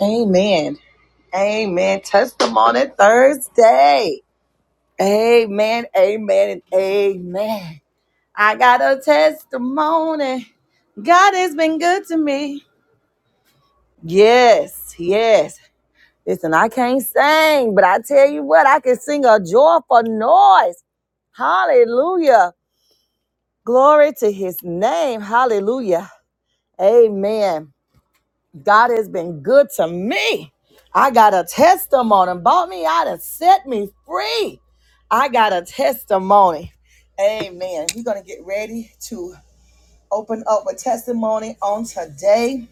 Amen. Amen. Testimony Thursday. Amen. Amen. And amen. I got a testimony. God has been good to me. Yes. Yes. Listen, I can't sing, but I tell you what, I can sing a joyful noise. Hallelujah. Glory to his name. Hallelujah. Amen. God has been good to me. I got a testimony. Bought me out and set me free. I got a testimony. Amen. We're going to get ready to open up with testimony on today.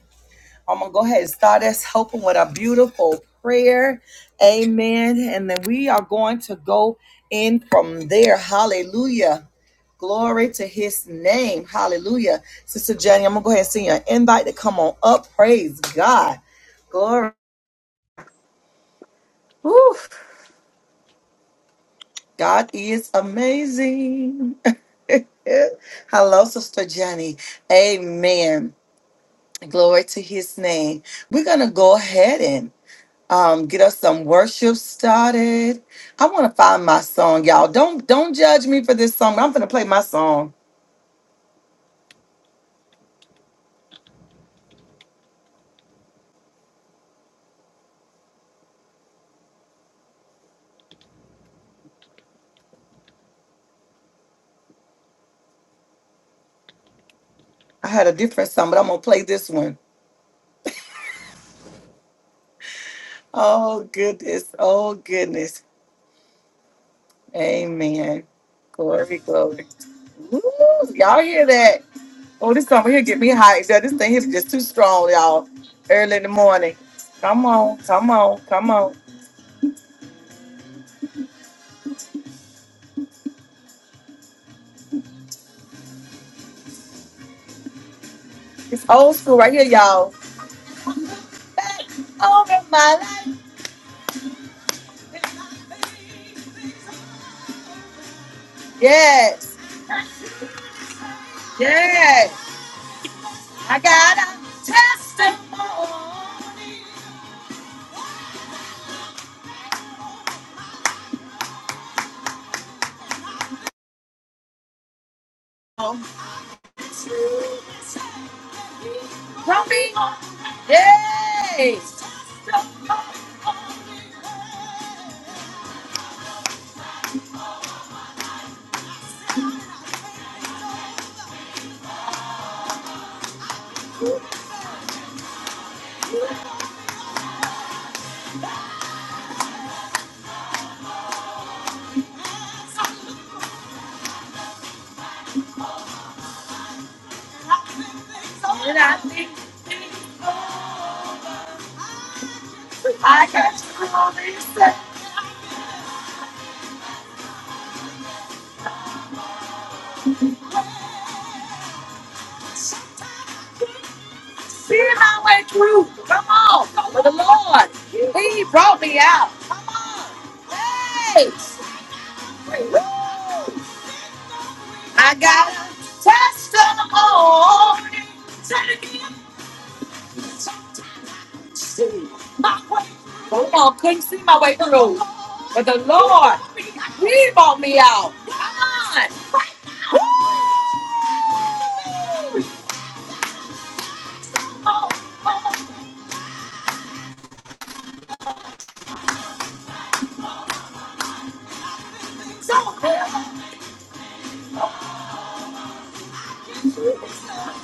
I'm going to go ahead and start us hoping with a beautiful prayer. Amen. And then we are going to go in from there. Hallelujah. Glory to his name. Hallelujah. Sister Jenny, I'm going to go ahead and send you an invite to come on up. Praise God. Glory. Woo. God is amazing. Hello, Sister Jenny. Amen. Glory to his name. We're going to go ahead and um, get us some worship started. I want to find my song, y'all. Don't don't judge me for this song. I'm going to play my song. I had a different song, but I'm going to play this one. Oh goodness. Oh goodness. Amen. Glory, glory. Woo, y'all hear that? Oh, this song here get me hyped. Yeah, This thing here is just too strong, y'all. Early in the morning. Come on, come on, come on. It's old school right here, y'all. Back over my life. Yes. Yes! I got a testimony. Don't be, yay! And I think I got through all this. stuff. See my way through. Come on. Go With the Lord. He brought me out. Come on. Hey. Woo. I got a testimony. Take it. See my way through. With the Lord. Come on. Woo. Come on. Don't care. Don't care. Don't care.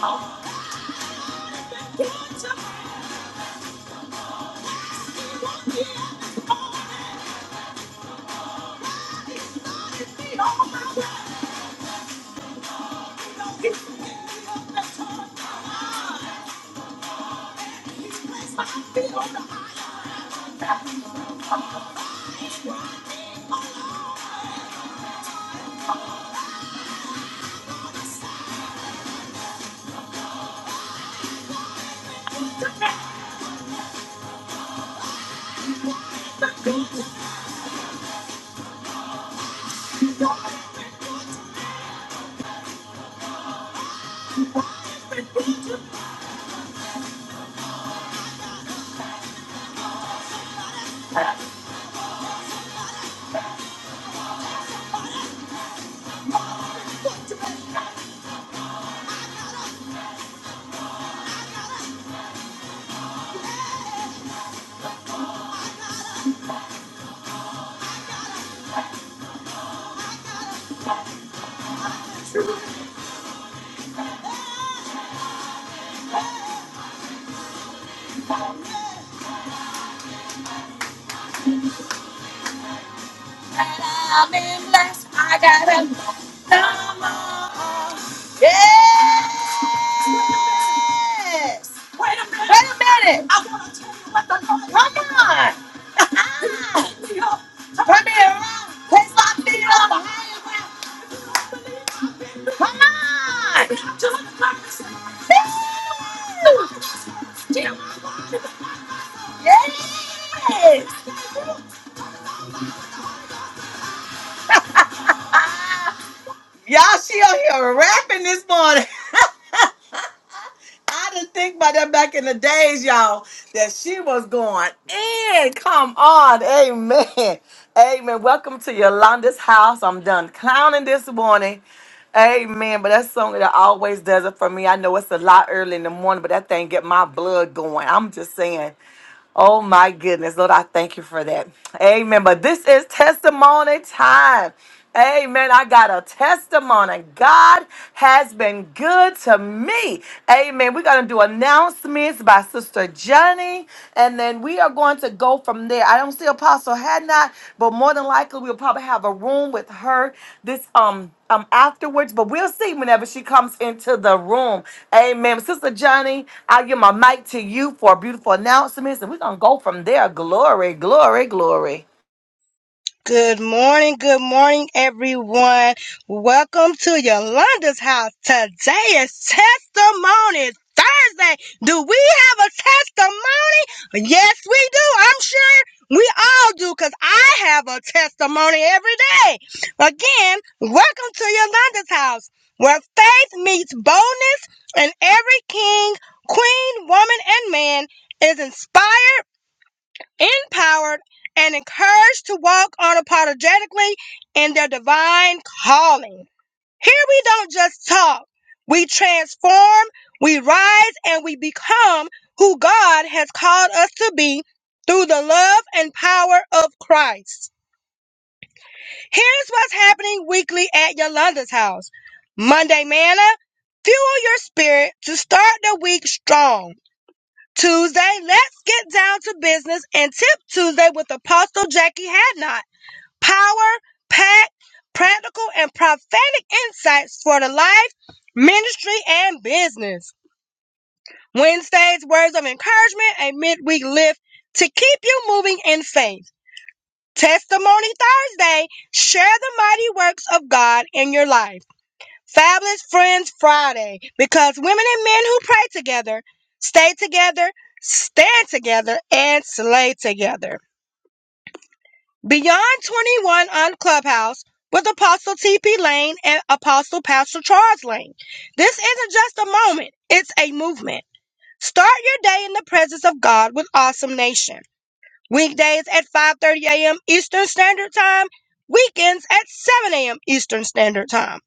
Oh, stop. I'm in blessed. I got him. Come on. Yes! Wait a minute. Wait a minute. I want to tell you what the Lord Come on. Turn me up. Turn me around. Place my feet on a high. belief. Come on. To the purpose. Yes. Y'all, she out here rapping this morning. I didn't think about that back in the days, y'all, that she was going in. Come on. Amen. Amen. Welcome to Yolanda's house. I'm done clowning this morning. Amen. But that song that always does it for me. I know it's a lot early in the morning, but that thing get my blood going. I'm just saying. Oh my goodness, Lord, I thank you for that. Amen. But this is testimony time. Amen. I got a testimony. God has been good to me. Amen. We're going to do announcements by Sister Johnny, and then we are going to go from from there. I don't see Apostle had not, but more than likely we'll probably have a room with her this um um afterwards. But we'll see whenever she comes into the room. Amen. Sister Johnny, I'll give my mic to you for beautiful announcements, and we're gonna go from there. Glory, glory, glory. Good morning, good morning, everyone. Welcome to Yolanda's house. Today is Testimony Thursday. Do we have a testimony? Yes, we do. I'm sure we all do because I have a testimony every day. Again, welcome to Yolanda's house where faith meets boldness and every king, queen, woman, and man is inspired empowered, and encouraged to walk unapologetically in their divine calling. Here we don't just talk, we transform, we rise, and we become who God has called us to be through the love and power of Christ. Here's what's happening weekly at Yolanda's house Monday, manna, fuel your spirit to start the week strong. Tuesday, let's get down to business and tip Tuesday with Apostle Jackie Hadnot. Power, packed, practical, and prophetic insights for the life, ministry, and business. Wednesday's words of encouragement, a midweek lift to keep you moving in faith. Testimony Thursday, share the mighty works of God in your life. Fabulous Friends Friday because women and men who pray together, stay together, stand together, and slay together. Beyond 21 on Clubhouse with Apostle T.P. Lane and Apostle Pastor Charles Lane. This isn't just a moment, it's a movement. Start your day in the presence of God with Awesome Nation. Weekdays at 5.30 a.m. Eastern Standard Time, weekends at 7 a.m. Eastern Standard Time.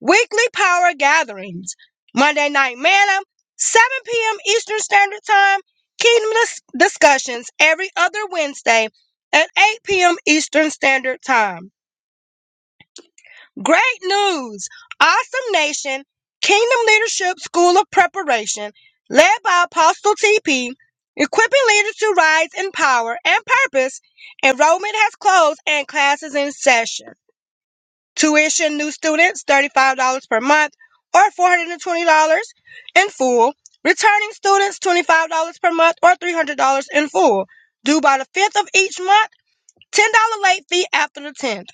Weekly power gatherings. Monday night manna, 7 p.m. Eastern Standard Time. Kingdom dis- discussions every other Wednesday at 8 p.m. Eastern Standard Time. Great news! Awesome Nation Kingdom Leadership School of Preparation, led by Apostle TP, equipping leaders to rise in power and purpose. Enrollment has closed and classes in session. Tuition new students $35 per month or $420 in full. Returning students $25 per month or $300 in full. Due by the 5th of each month, $10 late fee after the 10th.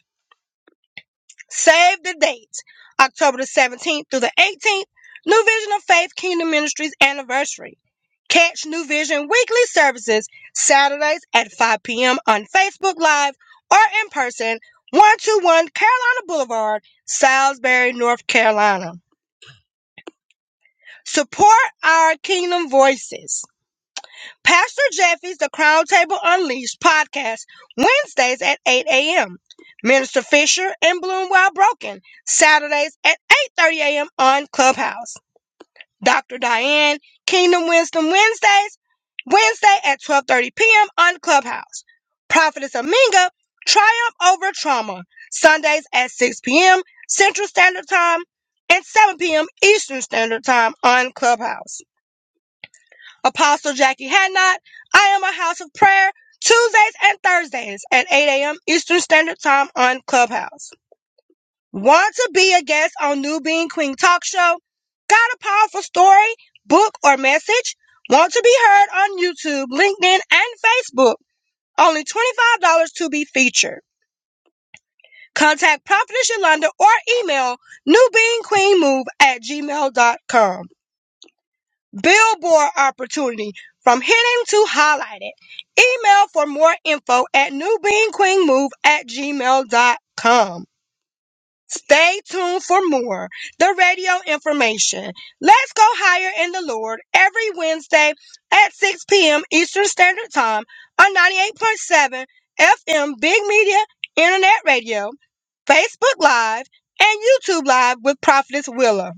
Save the date, October the 17th through the 18th, New Vision of Faith Kingdom Ministries anniversary. Catch New Vision weekly services Saturdays at 5 p.m. on Facebook Live or in person, 121 Carolina Boulevard, Salisbury, North Carolina. Support our Kingdom Voices. Pastor Jeffy's The Crown Table Unleashed podcast, Wednesdays at 8 a.m. Minister Fisher and Bloom While Broken, Saturdays at 8.30 a.m. on Clubhouse. Dr. Diane, Kingdom Wisdom Wednesdays, Wednesday at 12.30 p.m. on Clubhouse. Prophetess Aminga, Triumph Over Trauma, Sundays at 6 p.m. Central Standard Time and 7 p.m. Eastern Standard Time on Clubhouse. Apostle Jackie Hadnot. I am a house of prayer Tuesdays and Thursdays at 8 a.m. Eastern Standard Time on Clubhouse. Want to be a guest on New Being Queen Talk Show? Got a powerful story, book, or message? Want to be heard on YouTube, LinkedIn, and Facebook? Only $25 to be featured. Contact Prophetess Yolanda or email newbeingqueenmove at gmail.com. billboard opportunity from hitting to highlighted. Email for more info at newbeanqueenmove at gmail.com. Stay tuned for more. The radio information. Let's go higher in the Lord every Wednesday at 6 p.m. Eastern Standard Time on 98.7 FM Big Media Internet Radio, Facebook Live, and YouTube Live with Prophetess Willa.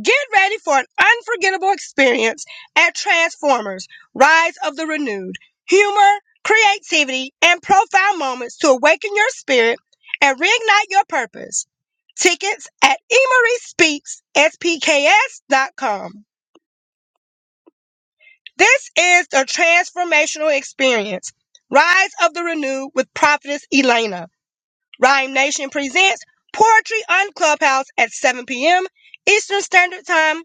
Get ready for an unforgettable experience at Transformers Rise of the Renewed. Humor, creativity, and profound moments to awaken your spirit and reignite your purpose. Tickets at emeryspeaksspks.com. This is the transformational experience. Rise of the Renewed with Prophetess Elena. Rhyme Nation presents Poetry on Clubhouse at 7 p.m. Eastern Standard Time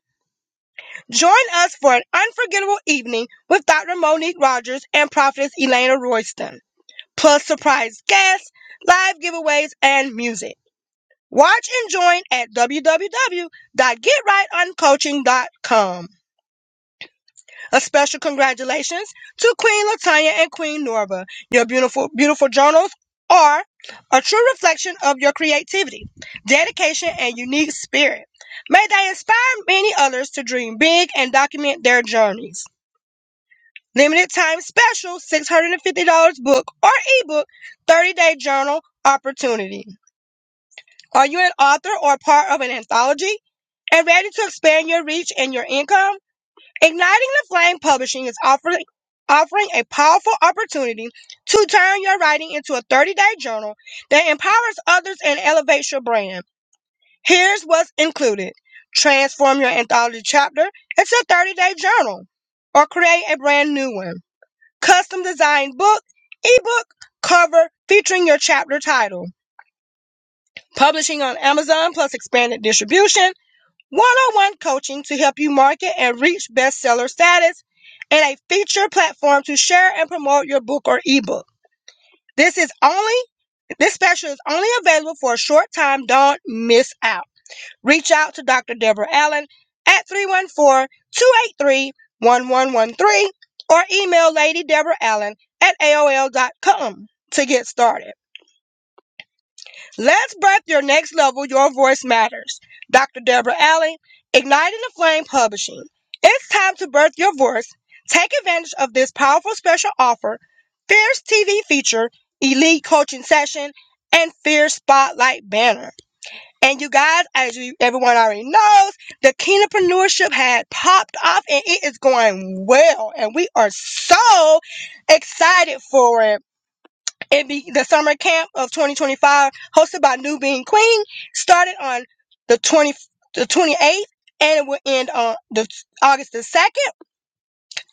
Join us for an unforgettable evening with Dr. Monique Rogers and Prophetess Elena Royston, plus surprise guests, live giveaways, and music. Watch and join at www.getrightoncoaching.com. A special congratulations to Queen Latanya and Queen Norva. Your beautiful, beautiful journals are a true reflection of your creativity, dedication, and unique spirit. May they inspire many others to dream big and document their journeys. Limited time special $650 book or ebook 30 day journal opportunity. Are you an author or part of an anthology and ready to expand your reach and your income? Igniting the Flame Publishing is offering offering a powerful opportunity to turn your writing into a 30 day journal that empowers others and elevates your brand. Here's what's included. Transform your anthology chapter into a 30 day journal or create a brand new one custom designed book, ebook, cover featuring your chapter title. Publishing on Amazon plus expanded distribution. One-on-one coaching to help you market and reach bestseller status and a feature platform to share and promote your book or ebook. This is only this special is only available for a short time. Don't miss out reach out to Dr. Deborah Allen at three one four two eight three one one one three, or email Lady Deborah Allen at AOL.com to get started. Let's birth your next level. Your voice matters. Dr. Deborah Allen, Igniting the Flame Publishing. It's time to birth your voice. Take advantage of this powerful special offer, Fierce TV feature, Elite Coaching Session, and Fierce Spotlight Banner. And you guys, as you, everyone already knows, the kingdompreneurship had popped off and it is going well. And we are so excited for it. it be, the summer camp of 2025, hosted by New Being Queen, started on the 20, the 28th and it will end on the, August the 2nd.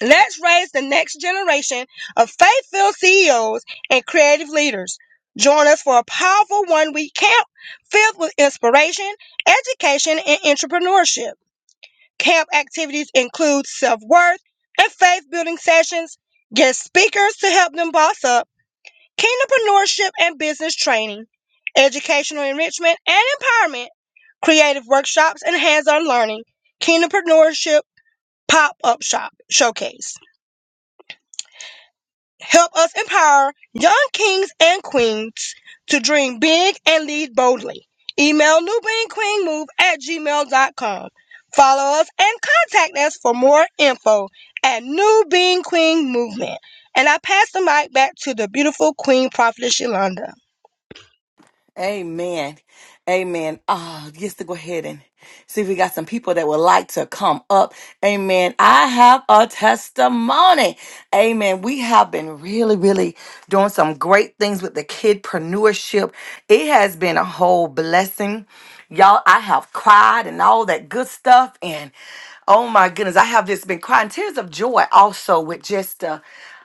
Let's raise the next generation of faith filled CEOs and creative leaders. Join us for a powerful one week camp filled with inspiration, education, and entrepreneurship. Camp activities include self worth and faith building sessions, guest speakers to help them boss up, kingdompreneurship and business training, educational enrichment and empowerment, creative workshops and hands on learning, kingdompreneurship pop up shop showcase. Help us empower young kings and queens to dream big and lead boldly. Email newbeamqueenmove at gmail.com. Follow us and contact us for more info at New Being Queen Movement. And I pass the mic back to the beautiful Queen Prophetess Yolanda. Amen. Amen. Ah, just to go ahead and see if we got some people that would like to come up. Amen. I have a testimony. Amen. We have been really, really doing some great things with the kidpreneurship. It has been a whole blessing. Y'all, I have cried and all that good stuff. And oh my goodness, I have just been crying tears of joy also with just uh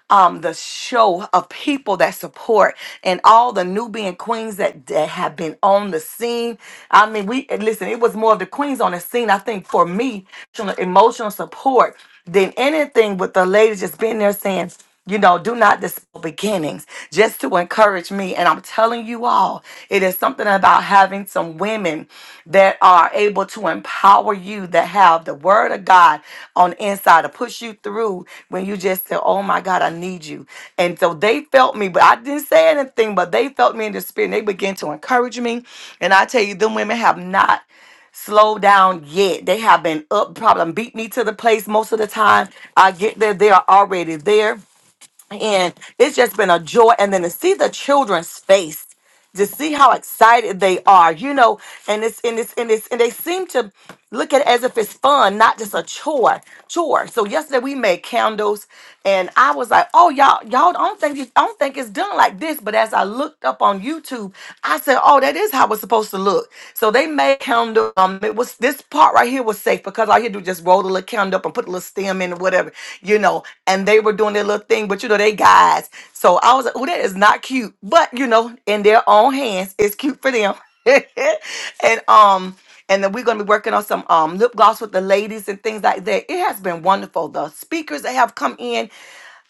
um, the show of people that support and all the Nubian queens that, that have been on the scene. I mean, we and listen, it was more of the queens on the scene, I think, for me, emotional emotional support than anything with the ladies just being there saying, you know, do not dispel beginnings. Just to encourage me, and I'm telling you all, it is something about having some women that are able to empower you, that have the word of God on the inside to push you through when you just say, "Oh my God, I need you." And so they felt me, but I didn't say anything. But they felt me in the spirit. And they began to encourage me, and I tell you, them women have not slowed down yet. They have been up, problem beat me to the place most of the time. I get there, they are already there and it's just been a joy and then to see the children's face to see how excited they are you know and it's and it's and it's and they seem to look at it as if it's fun not just a chore chore so yesterday we made candles and i was like oh y'all y'all I don't think it- i don't think it's done like this but as i looked up on youtube i said oh that is how it's supposed to look so they handmade candle. Um, it was this part right here was safe because all you do just roll the little candle up and put a little stem in or whatever, you know. And they were doing their little thing, but you know they guys. So I was like, oh, that is not cute, but you know, in their own hands, it's cute for them. and um, and then we're gonna be working on some um lip gloss with the ladies and things like that. It has been wonderful. The speakers that have come in.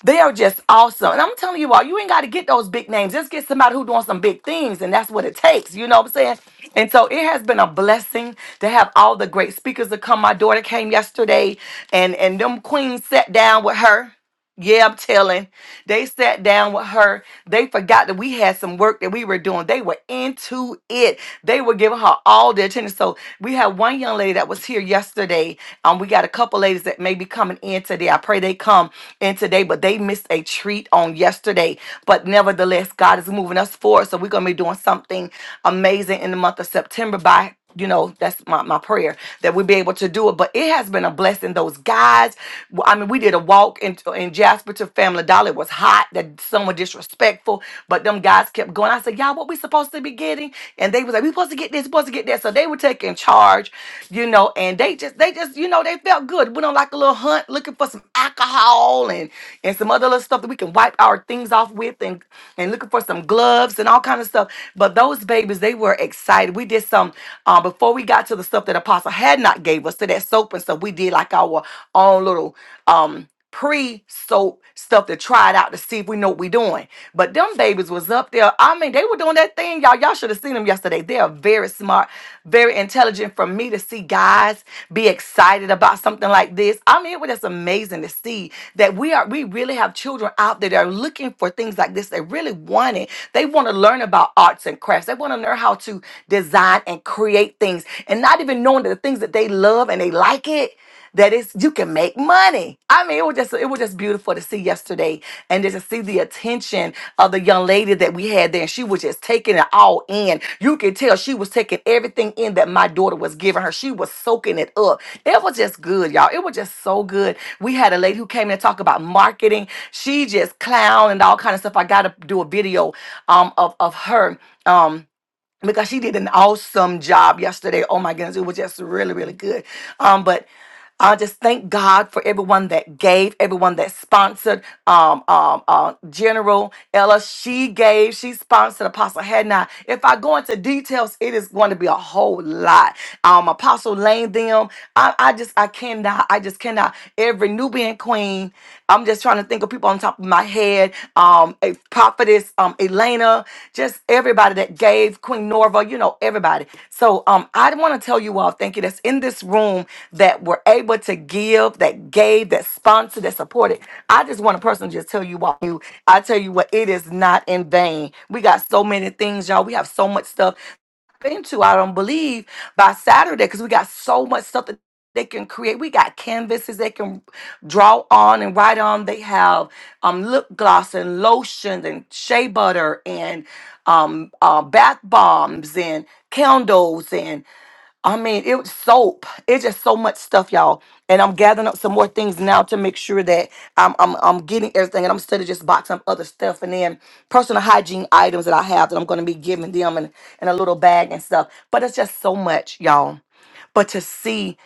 They are just awesome. And I'm telling you all, you ain't got to get those big names. Just get somebody who doing some big things, and that's what it takes. You know what I'm saying? And so it has been a blessing to have all the great speakers that come. My daughter came yesterday, and and them queens sat down with her. Yeah, I'm telling. They sat down with her. They forgot that we had some work that we were doing. They were into it. They were giving her all their attention. So we had one young lady that was here yesterday. Um, we got a couple ladies that may be coming in today. I pray they come in today, but they missed a treat on yesterday. But nevertheless, God is moving us forward. So we're gonna be doing something amazing in the month of September by you know, that's my, my prayer that we'll be able to do it. But it has been a blessing. Those guys guys. w- I mean, we did a walk in, in Jasper to Family Dollar. It was hot. That someone disrespectful, but them guys kept going. I said, y'all, what we supposed to be getting? And they was like, we supposed to get this, supposed to get that. So they were taking charge, you know, and they just, they just, you know, they felt good. Went on like a little hunt looking for some alcohol and and some other little stuff that we can wipe our things off with and and looking for some gloves and all kind of stuff. But those babies, they were excited. We did some uh, before we got to the stuff that Apostle had not gave gave us to that soap and stuff. We did like our own little um pre soap stuff to try it out to see if we know what we doing. But them babies was up there. I mean, they were doing that thing, y'all. Y'all should have seen them yesterday. They are very smart, very intelligent. For me to see guys be excited about something like this, I mean, it was just amazing to see that we are. We really have children out there that are looking for things like this. They really want it. They want to learn about arts and crafts. They want to learn how to design and create create things and not even knowing that the things that they love and they like it that it's you can make money. I mean, it was just it was just beautiful to see yesterday and just to see the attention of the young lady that we had there. And she was just taking it all in. You could tell she was taking everything in that my daughter was giving her. She was soaking it up. It was just good, y'all. It was just so good. We had a lady who came in to talk about marketing. She just clown and all kind of stuff. I gotta do a video um of, of her. Um because she did an awesome job yesterday. Oh my goodness, it was just really, really good. Um, but I just thank God for everyone that gave, everyone that sponsored. Um, um, uh, General Ella, she gave, she sponsored Apostle Hadnot. If I go into details, it is going to be a whole lot. Um, Apostle Lane, them, I, I just, I cannot, I just cannot. Every Nubian queen, I'm just trying to think of people on top of my head. Lynn, um, a prophetess, um, Elena, just everybody that gave Queen Norva, you know, everybody. So um, I want to tell you all, thank you, that's in this room that were able to give, that gave, that sponsored, that supported. I just want to personally just tell you all, you, I tell you what, it is not in vain. We got so many things, y'all. We have so much stuff into, I don't believe, by Saturday, because we got so much stuff that they can create. We got canvases they can draw on and write on. They have um, lip gloss and lotion and shea butter and um, uh, bath bombs and candles and I mean, it was soap. It's just so much stuff, y'all. And I'm gathering up some more things now to make sure that I'm I'm, I'm getting everything, and I'm still just boxing up other stuff, and then personal hygiene items that I have that I'm going to be giving them in, in a little bag and stuff. But it's just so much, y'all. But to see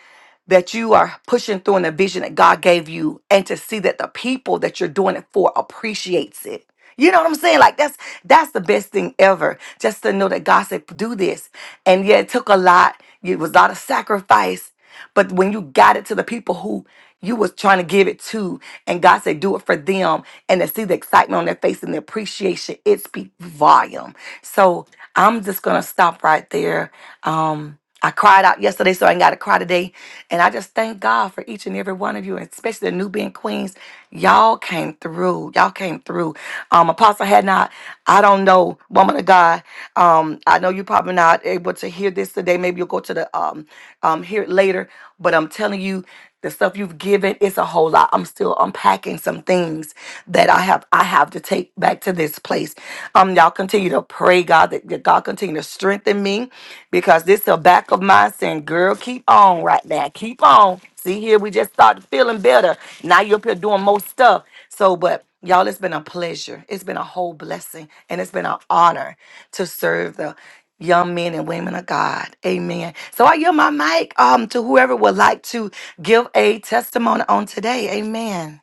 that you are pushing through in the vision that God gave you and to see that the people that you're doing it for appreciates it. You know what I'm saying? Like that's that's the best thing ever. Just to know that God said do this. And yeah, it took a lot. It was a lot of sacrifice. But when you got it to the people who you was trying to give it to, and God said, do it for them, and to see the excitement on their face and the appreciation, it speaks volume. So I'm just gonna stop right there. Um, I cried out yesterday, so I ain't got to cry today. And I just thank God for each and every one of you, and especially the new being Queens. Y'all came through. Y'all came through. Um, Apostle had not, I don't know, woman of God. Um, I know you probably not able to hear this today. Maybe you'll go to the um, um, hear it later. But I'm telling you, the stuff you've given it's a whole lot i'm still unpacking some things that i have i have to take back to this place um y'all continue to pray god that, that god continue to strengthen me because this the back of mine saying girl keep on right now keep on see here we just started feeling better now you're up here doing more stuff so but y'all it's been a pleasure it's been a whole blessing and it's been an honor to serve the young men and women of God. Amen. So I yield my mic um to whoever would like to give a testimony on today. Amen.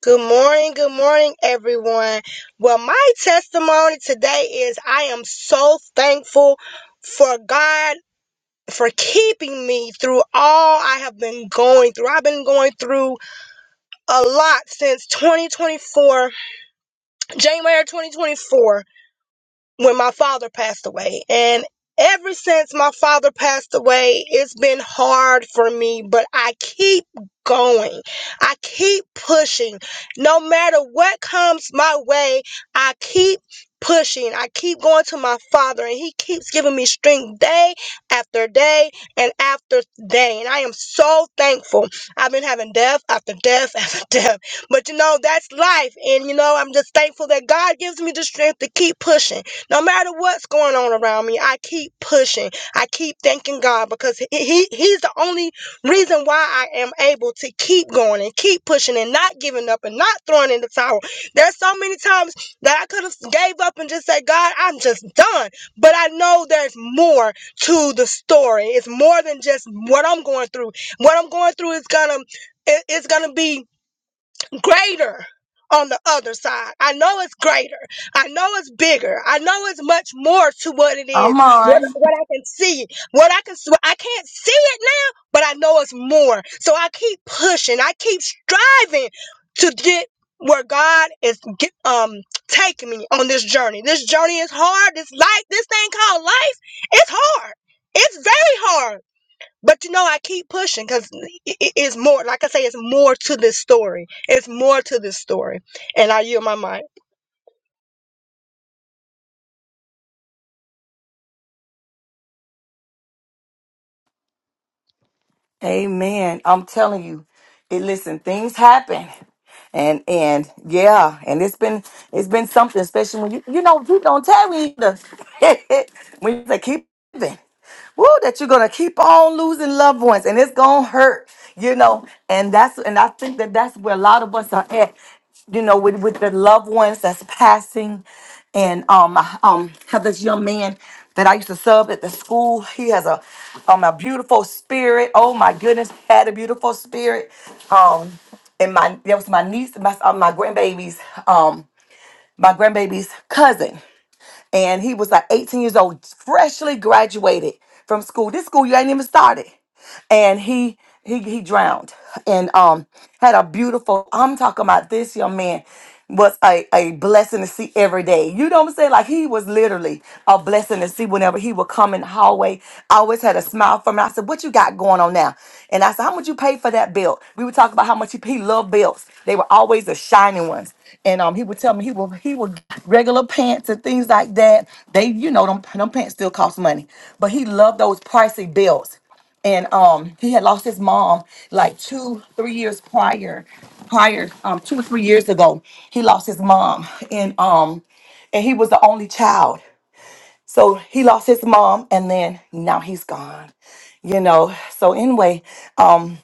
Good morning, good morning, everyone. Well, my testimony today is I am so thankful for God for keeping me through all I have been going through. I've been going through a lot since 2024, January 2024 when my father passed away. And ever since my father passed away, it's been hard for me, but I keep going. I keep pushing. No matter what comes my way, I keep pushing. I keep going to my father and he keeps giving me strength day after day and after day. And I am so thankful. I've been having death after death after death. But you know, that's life. And you know, I'm just thankful that God gives me the strength to keep pushing. No matter what's going on around me, I keep pushing. I keep thanking God because he, he he's the only reason why I am able to keep going and keep pushing and not giving up and not throwing in the towel. There's so many times that I could have gave up and just said, "God, I'm just done." But I know there's more to the story. It's more than just what I'm going through. What I'm going through is gonna it- it's gonna be greater on the other side. I know it's greater. I know it's bigger. I know it's much more to what it is. What, what I can see, what I can, I I can't see it now, but I know it's more. So I keep pushing. I keep striving to get where God is get, um taking me on this journey. This journey is hard. This life, this thing called life, it's hard. It's very hard but you know, I keep pushing because it is more. Like I say, it's more to this story. It's more to this story. And I yield my mind. Amen. I'm telling you, it listen, things happen. and and yeah, and it's been it's been something, especially when you you know you don't tell me the when you say keep living, woo, that you're gonna keep on losing loved ones, and it's gonna hurt, you know, and that's and I think that that's where a lot of us are at, you know, with with the loved ones that's passing, and um I, um have this young man that I used to sub at the school. He has a um a beautiful spirit. Oh my goodness, had a beautiful spirit. Um and my that was my niece, my uh, my grandbaby's um my grandbaby's cousin, and he was like 18 years old, freshly graduated from school. This school you ain't even started and he he he drowned and um had a beautiful I'm talking about this young man was a, a blessing to see every day. You know what I'm saying? Like he was literally a blessing to see whenever he would come in the hallway. I always had a smile for me. I said, What you got going on now? And I said, How much you pay for that belt? We would talk about how much he, he loved belts. They were always the shiny ones. And um he would tell me he would he would get regular pants and things like that. They, you know, them, them pants still cost money. But he loved those pricey belts and um he had lost his mom like two three years prior prior um two or three years ago he lost his mom and um and he was the only child so he lost his mom and then now he's gone you know so anyway um,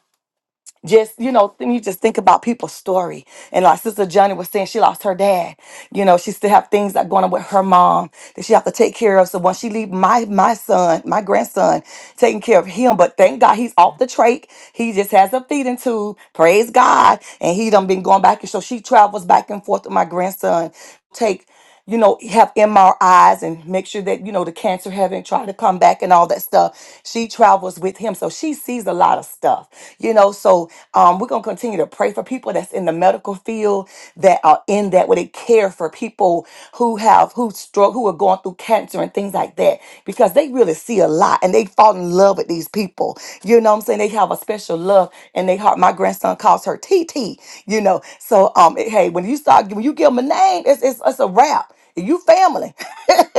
just you know then you just think about people's story and like sister johnny was saying she lost her dad you know she still have things that going on with her mom that she have to take care of so when she leave my my son my grandson taking care of him but thank god he's off the trach he just has a feeding tube praise god and he done been going back and so she travels back and forth with my grandson take you know, have MRIs and make sure that, you know, the cancer haven't tried to come back and all that stuff. She travels with him. So she sees a lot of stuff, you know. So um, we're going to continue to pray for people that's in the medical field that are in that, where they care for people who have, who stroke, who are going through cancer and things like that, because they really see a lot and they fall in love with these people. You know what I'm saying? They have a special special love in their heart. My grandson calls her T T. you know. So um, hey, when you start when you give them a name, it's it's, it's a wrap. You family,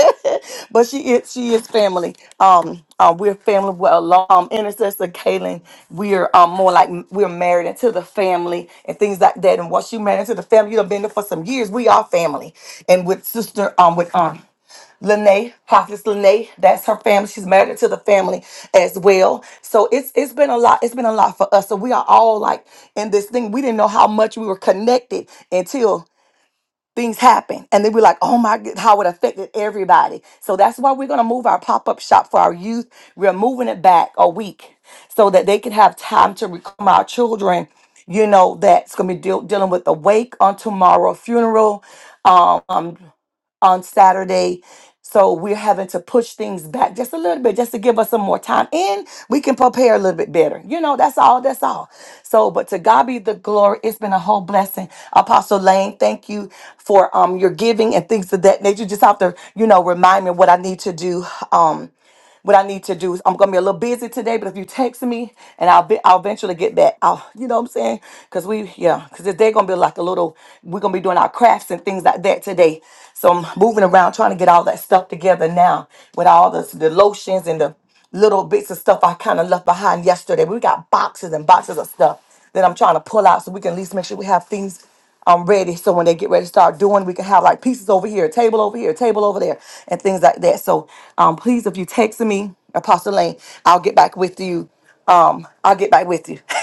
but she is she is family. Um, uh, we're family. Well, um, intercessor Kaylin, we're um more like we're married into the family and things like that. And once you married into the family, you've been there for some years. We are family. And with sister, um, with um. Lene, Prophetess Lene, that's her family. She's married to the family as well. So it's it's been a lot. It's been a lot for us. So we are all like in this thing. We didn't know how much we were connected until things happen, and then we're like, oh my god, how it affected everybody. So that's why we're gonna move our pop up shop for our youth. We're moving it back a week so that they can have time to reclaim our children. You know that's gonna be deal dealing with the wake on tomorrow funeral. Um on Saturday. So we're having to push things back just a little bit just to give us some more time and we can prepare a little bit better. You know, that's all, that's all. So, but to God be the glory. It's been a whole blessing. Apostle Lane, thank you for um your giving and things of that nature. You just have to, you know, remind me what I need to do. Um what I need to do is I'm gonna be a little busy today, but if you text me and I'll be, I'll eventually get back. I'll, you know what I'm saying? Cause we, yeah, cause they're gonna be like a little, we're gonna be doing our crafts and things like that today. So I'm moving around trying to get all that stuff together now with all the, the lotions and the little bits of stuff I kind of left behind yesterday. We got boxes and boxes of stuff that I'm trying to pull out so we can at least make sure we have things I'm ready. So when they get ready to start doing, we can have like pieces over here, table over here, table over there, and things like that. So um, please, if you text me, Apostle Lane, I'll get back with you. Um, I'll get back with you.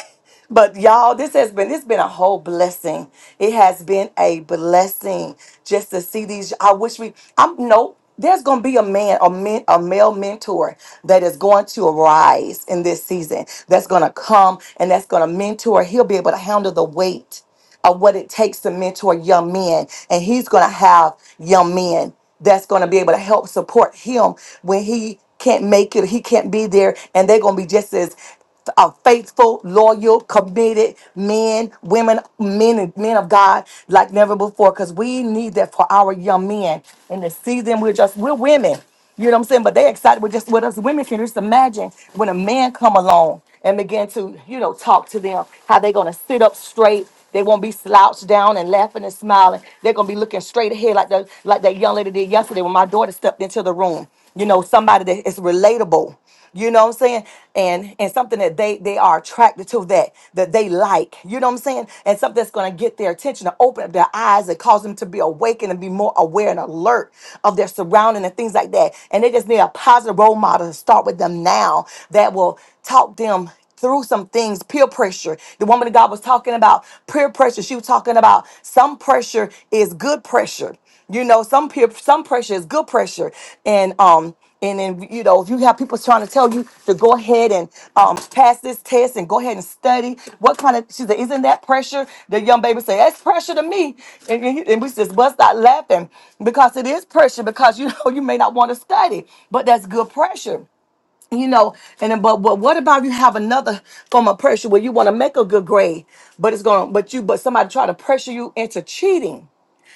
but y'all, this has been it's been a whole blessing. It has been a blessing just to see these. I wish we. I'm no. There's gonna be a man, a men, a male mentor that is going to arise in this season. That's gonna come and that's gonna mentor. He'll be able to handle the weight of what it takes to mentor young men. And he's going to have young men that's going to be able to help support him when he can't make it, he can't be there, and they're going to be just as uh, faithful, loyal, committed men, women, men, and men of God like never before because we need that for our young men. In the season, we're just, we're women. You know what I'm saying? But they excited with just with us women can just imagine when a man come along and begin to, you know, talk to them, how they gonna sit up straight. They won't be slouched down and laughing and smiling. They're gonna be looking straight ahead like the like that young lady did yesterday when my daughter stepped into the room. You know, somebody that is relatable. You know what I'm saying? And and something that they they are attracted to that that they like. You know what I'm saying? And something that's gonna get their attention to open up their eyes and cause them to be awakened and be more aware and alert of their surrounding and things like that. And they just need a positive role model to start with them now that will talk them through some things, peer pressure. The woman of God was talking about peer pressure. She was talking about some pressure is good pressure. You know, some peer, some pressure is good pressure, and um, and then you know, if you have people trying to tell you to go ahead and um pass this test and go ahead and study, what kind of she said, isn't that pressure? The young baby said, that's pressure to me, and, and, he- and we just bust out laughing because it is pressure because you know you may not want to study, but that's good pressure you know and then, but, but what about you have another form of pressure where you want to make a good grade but it's going but you but somebody try to pressure you into cheating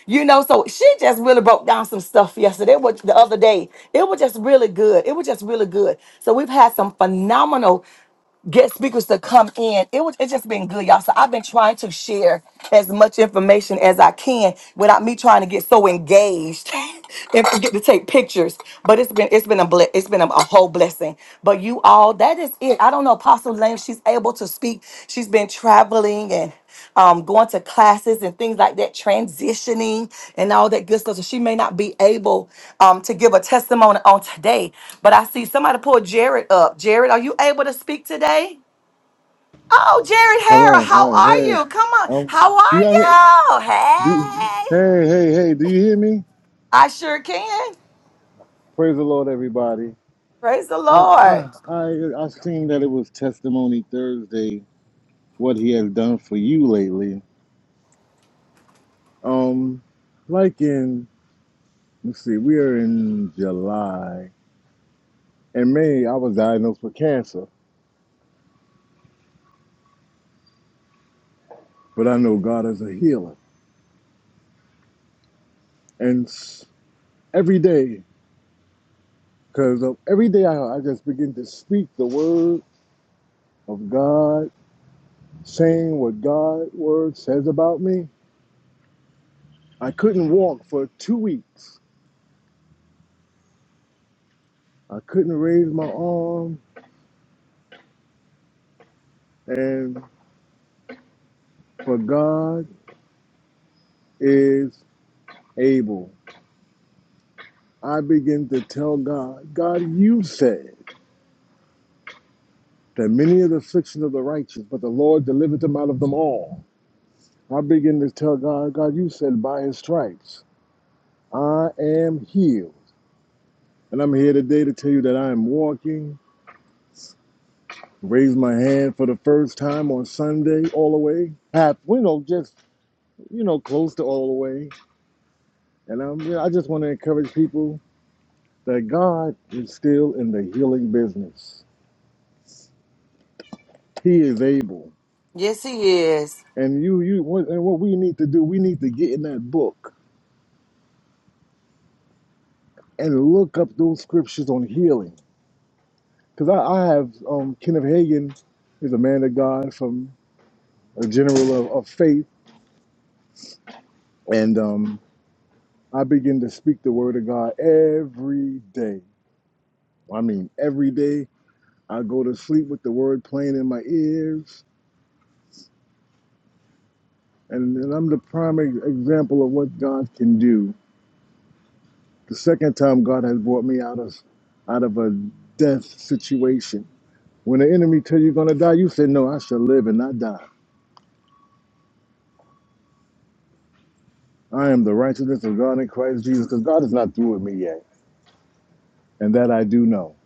you know so she just really broke down some stuff yesterday It was the other day it was just really good it was just really good so we've had some phenomenal get speakers to come in. It was it's just been good, y'all. So I've been trying to share as much information as I can without me trying to get so engaged and forget to take pictures. But it's been it's been a ble- it's been a, a whole blessing. But you all, that is it. I don't know, Apostle lame. She's able to speak. She's been traveling and um, going to classes and things like that, transitioning and all that good stuff. So she may not be able um, to give a testimony on today. But I see somebody pull Jared up. Jared, are you able to speak today? Oh, Jared Harrell, Hello, how Hi! are hey. you? Come on. Um, How do are y'all hear? you? Do, Hey, hey, hey, hey. Do you hear me? I sure can. Praise the Lord, everybody. Praise the I, Lord. I, I, I seen that it was Testimony Thursday. What He has done for you lately. Um, like in let's see, we are in July. In May, I was diagnosed with cancer, but I know God is a healer. And s- every day, because every day I, I just begin to speak the word of God saying what God's word says about me. I couldn't walk for two weeks. I couldn't raise my arm, and for God is able. I begin to tell God, God, you said that many of the afflictions of the righteous, but the Lord delivered them out of them all. I begin to tell God, God, you said by his stripes, I am healed. And I'm here today to tell you that I am walking Raised my hand for the first time on Sunday, all the way half, you know, just you know, close to all the way. And I'm, you know, I just want to encourage people that God is still in the healing business. He is able, Yes, he is. and you, you, what- and what we need to do, we need to get in that book and look up those scriptures on healing. Because I, I have um, Kenneth Hagin is a man of God from a general of, of faith, and um, I begin to speak the word of God every day. I mean, every day I go to sleep with the word playing in my ears, and, and I'm the prime ex- example of what God can do. The second time God has brought me out of out of a death situation. When the enemy tell you you're gonna die, you say, No, I shall live and not die. I am the righteousness of God in Christ Jesus, because God is not through with me yet. And that I do know.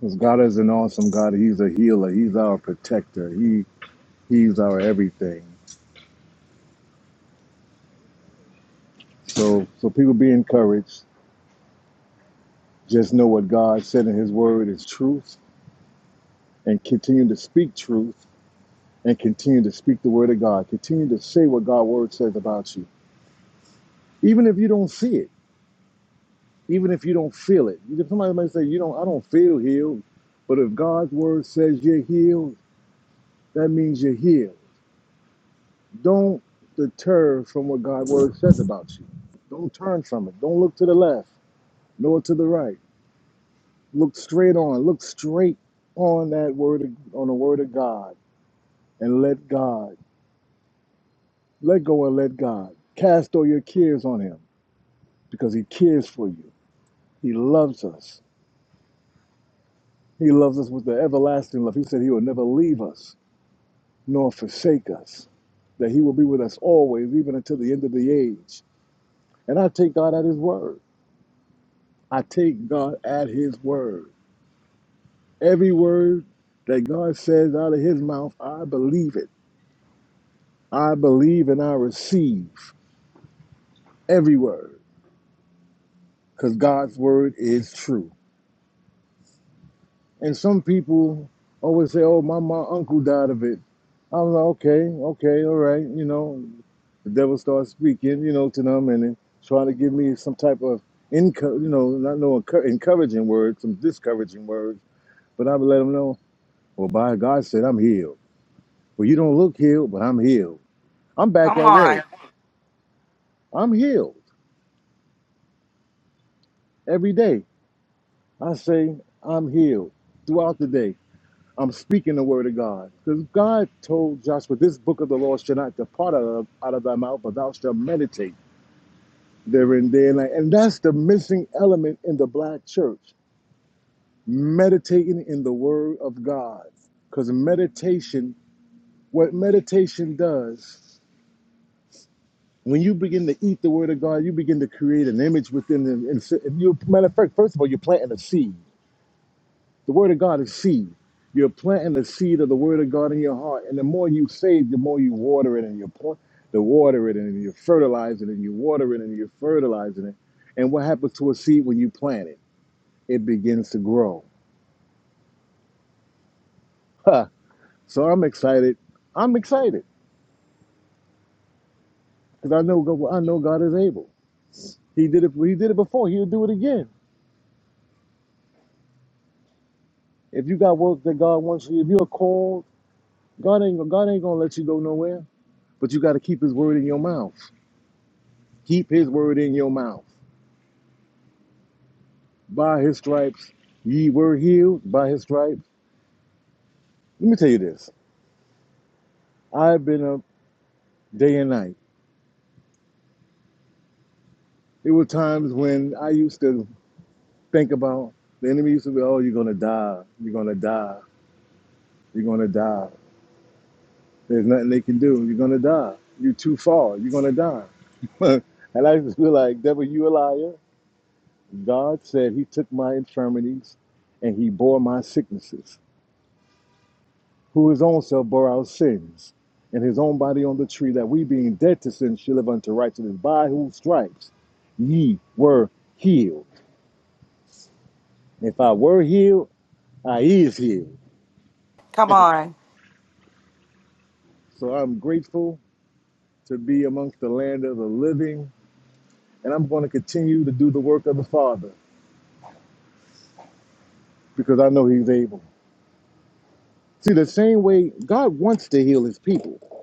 Because God is an awesome God. He's a healer. He's our protector. He he's our everything. So so people be encouraged Just know what God said in His Word is truth and continue to speak truth and continue to speak the Word of God. Continue to say what God's Word says about you, even if you don't see it, even if you don't feel it. You- Somebody might say, "You don't, I don't feel healed," but if God's Word says you're healed, that means you're healed. Don't deter from what God's Word says about you. Don't turn from it. Don't look to the left nor to the right. Look straight on. Look straight on that Word, of- on the Word of God and let God Let go and let God. Cast all your cares on Him because He cares for you. He loves us. He loves us with the everlasting love. He said He will never leave us nor forsake us, that He will be with us always, even until the end of the age. And I take God at His word. I take God at His word. Every word that God says out of His mouth, I believe it. I believe and I receive every word because God's word is true. And some people always say, "Oh, my my uncle died of it." I'm like, okay, okay, all right. You know, the devil starts speaking, you know, to them and then trying to give me some type of income, you know, not no encour- encouraging words, some discouraging words, but I would let them know, well, by God said I'm healed. Well, you don't look healed, but I'm healed. I'm back Come at on. work. I'm healed every day. I say I'm healed throughout the day. I'm speaking the word of God. Because God told Joshua, this book of the law shall not depart out of, out of thy mouth, but thou shalt meditate therein day and night. And that's the missing element in the black church, meditating in the word of God. Because meditation, what meditation does, when you begin to eat the word of God, you begin to create an image within them. And so- and you, matter of fact, first of all, you're planting a seed. The word of God is seed. You're planting the seed of the word of God in your heart. And the more you say, it, the more you water it and you plant the water it and you fertilize it and you water it and you're fertilizing it. And what happens to a seed when you plant it? It begins to grow. Huh. So I'm excited. I'm excited because I know God, I know God is able. He did it. He did it before. He'll do it again. If you got work that God wants you, if you're called, God ain't God ain't gonna let you go nowhere. But you got to keep His word in your mouth. Keep His word in your mouth. By his stripes, ye were healed. By his stripes. Let me tell you this. I've been up day and night. There were times when I used to think about the enemy used to be, oh, you're going to die. You're going to die. You're going to die. There's nothing they can do. You're going to die. You're too far. You're going to die. and I just feel like, devil, you a liar. God said he took my infirmities and he bore my sicknesses. who his own self bore our sins, and his own body on the tree, that we being dead to sin should live unto righteousness, by whose stripes ye were healed. If I were healed, I is healed. Come on. So I'm grateful to be amongst the land of the living, and I'm going to continue to do the work of the Father because I know he's able. See, the same way God wants to heal his people,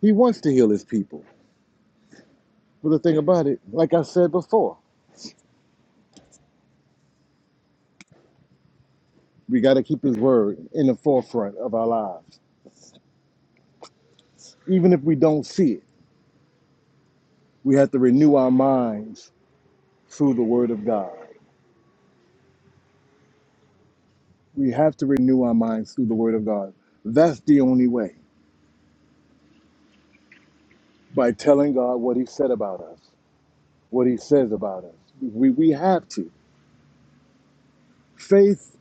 he wants to heal his people. But the thing about it, like I said before, we got to keep his word in the forefront of our lives Even if we don't see it, we have to renew our minds through the Word of God. We have to renew our minds through the Word of God. That's the only way by telling God what He said about us, what He says about us. We, we have to. Faith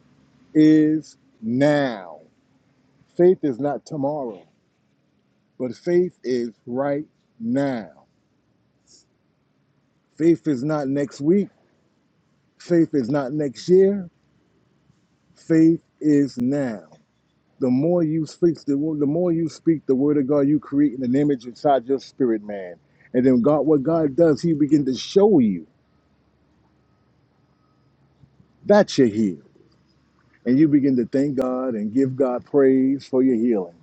is now. Faith is not tomorrow, but faith is right now. Faith is not next week. Faith is not next year. Faith is now. The more you speak, the, the more you speak the word of God, you create an image inside your spirit, man. And then God, what God does, He begin to show you that you're healed, and you begin to thank God and give God praise for your healing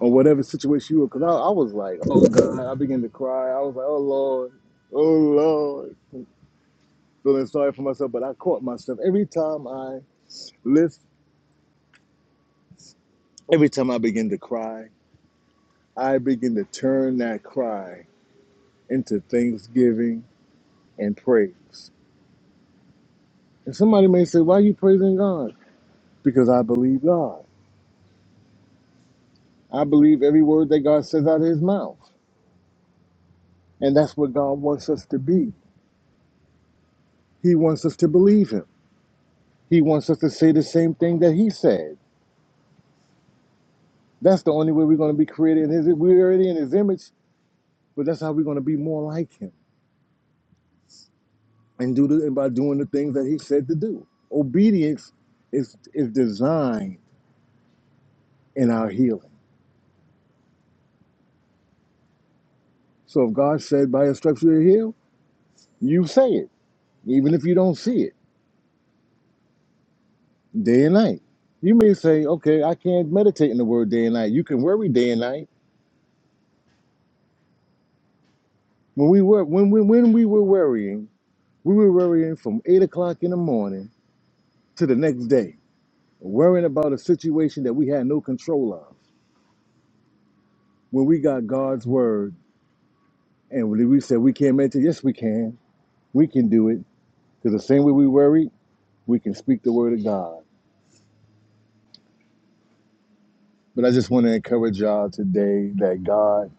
or whatever situation you were. Because I, I was like, oh God, I began to cry. I was like, oh Lord, oh Lord, feeling sorry for myself. But I caught myself every time I lift, every time I begin to cry, I begin to turn that cry into thanksgiving and praise. And somebody may say, Why are you praising God? Because I believe God. I believe every word that God says out of his mouth. And that's what God wants us to be. He wants us to believe him. He wants us to say the same thing that he said. That's the only way we're going to be created in his we're already in his image, but that's how we're going to be more like him. And do the, and by doing the things that he said to do. Obedience is is designed in our healing. So if God said by His stripes you are healed," you say it, even if you don't see it day and night. You may say, okay, I can't meditate in the word day and night. You can worry day and night. When we were when we when we were worrying, we were worrying from eight o'clock in the morning to the next day, worrying about a situation that we had no control of. When we got God's word and when we said we can't meditate, yes we can. We can do it. Because the same way we worry, we can speak the word of God. But I just want to encourage y'all today that God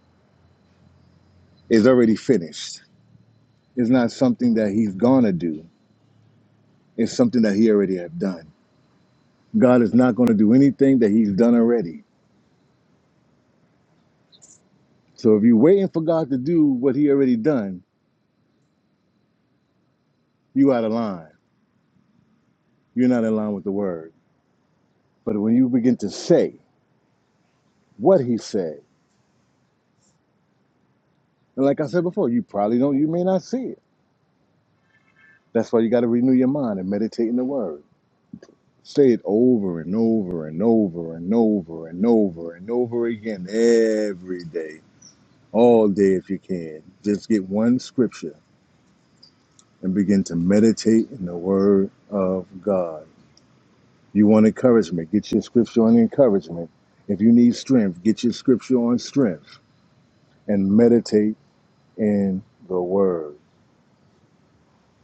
is already finished. It's not something that He's gonna do. It's something that he already have done. God is not going to do anything that he's done already. So if you're waiting for God to do what he already done, you out of line. You're not in line with the word. But when you begin to say what he said, and like I said before, you probably don't, you may not see it. That's why you got to renew your mind and meditate in the word. Say it over and over and over and over and over and over again every day, all day if you can. Just get one scripture and begin to meditate in the Word of God. You want encouragement, get your scripture on encouragement. If you need strength, get your scripture on strength and meditate in the Word.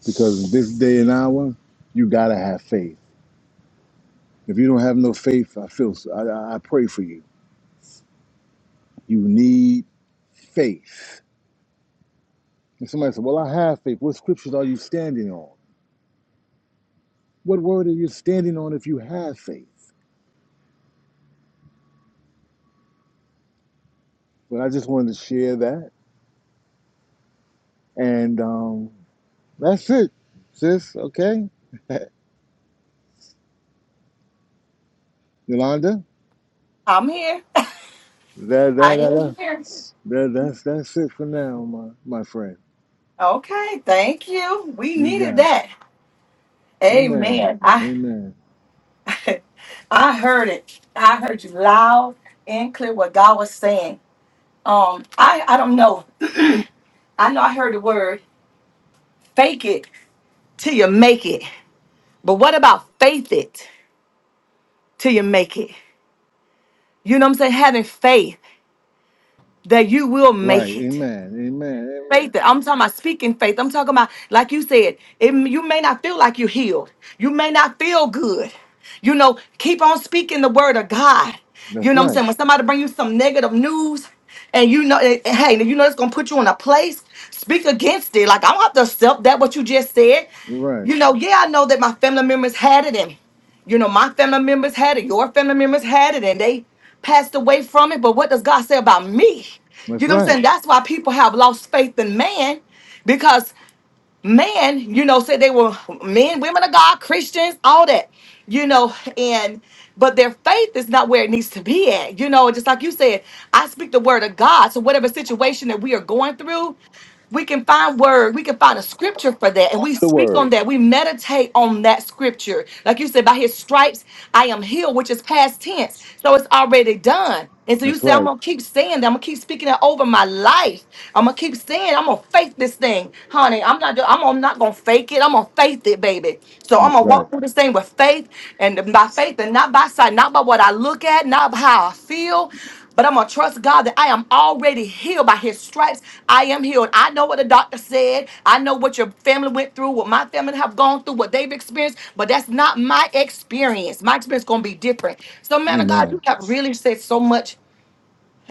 Because this day and hour, you got to have faith. If you don't have no faith, I feel, I, I pray for you. You need faith. And somebody said, Well, I have faith. What scriptures are you standing on? What word are you standing on if you have faith? But I just wanted to share that. And um, That's it, sis. Okay, Yolanda. I'm here. That that I that am that. here. that's that's it for now, my my friend. Okay, thank you. We You needed got it. that. Amen. Amen. I Amen. I heard it. I heard you loud and clear what God was saying. Um, I I don't know. I know I heard the word fake it till you make it. But what about faith it till you make it? You know what I'm saying? Having faith that you will Right. make it. Amen. Amen. faith. Amen. that- I'm talking about speaking faith. I'm talking about, like you said, it, you may not feel like you're healed. You may not feel good. You know, keep on speaking the word of God. You That's know what I'm right. saying? When somebody bring you some negative news and you know, eh, eh, hey, you know it's going to put you in a place, speak against it. Like, I don't have to accept that, what you just said. You're right. You know, yeah, I know that my family members had it in. You know, my family members had it, your family members had it, and they passed away from it. But what does God say about me? You That's know what I'm right. saying? That's why people have lost faith in man because man, you know, said they were men, women of God, Christians, all that, you know, and but their faith is not where it needs to be at. You know, just like you said, I speak the word of God. So whatever situation that we are going through, we can find word we can find a scripture for that and Go we to the speak on word. that we meditate on that scripture like you said by his stripes i am healed which is past tense so it's already done and so you That's say i'm right. gonna keep saying that i'm gonna keep speaking that over my life i'm gonna keep saying i'm gonna faith this thing honey i'm not do- i'm gonna- not gonna fake it i'm gonna faith it baby so i'm That's gonna right. walk through this thing with faith and by faith and not by sight not by what i look at not by how i feel but I'm going to trust God that I am already healed by his stripes. I am healed. I know what the doctor said. I know what your family went through, what my family have gone through, what they've experienced, but that's not my experience. My experience going to be different. So man of God, Amen. you have really said so much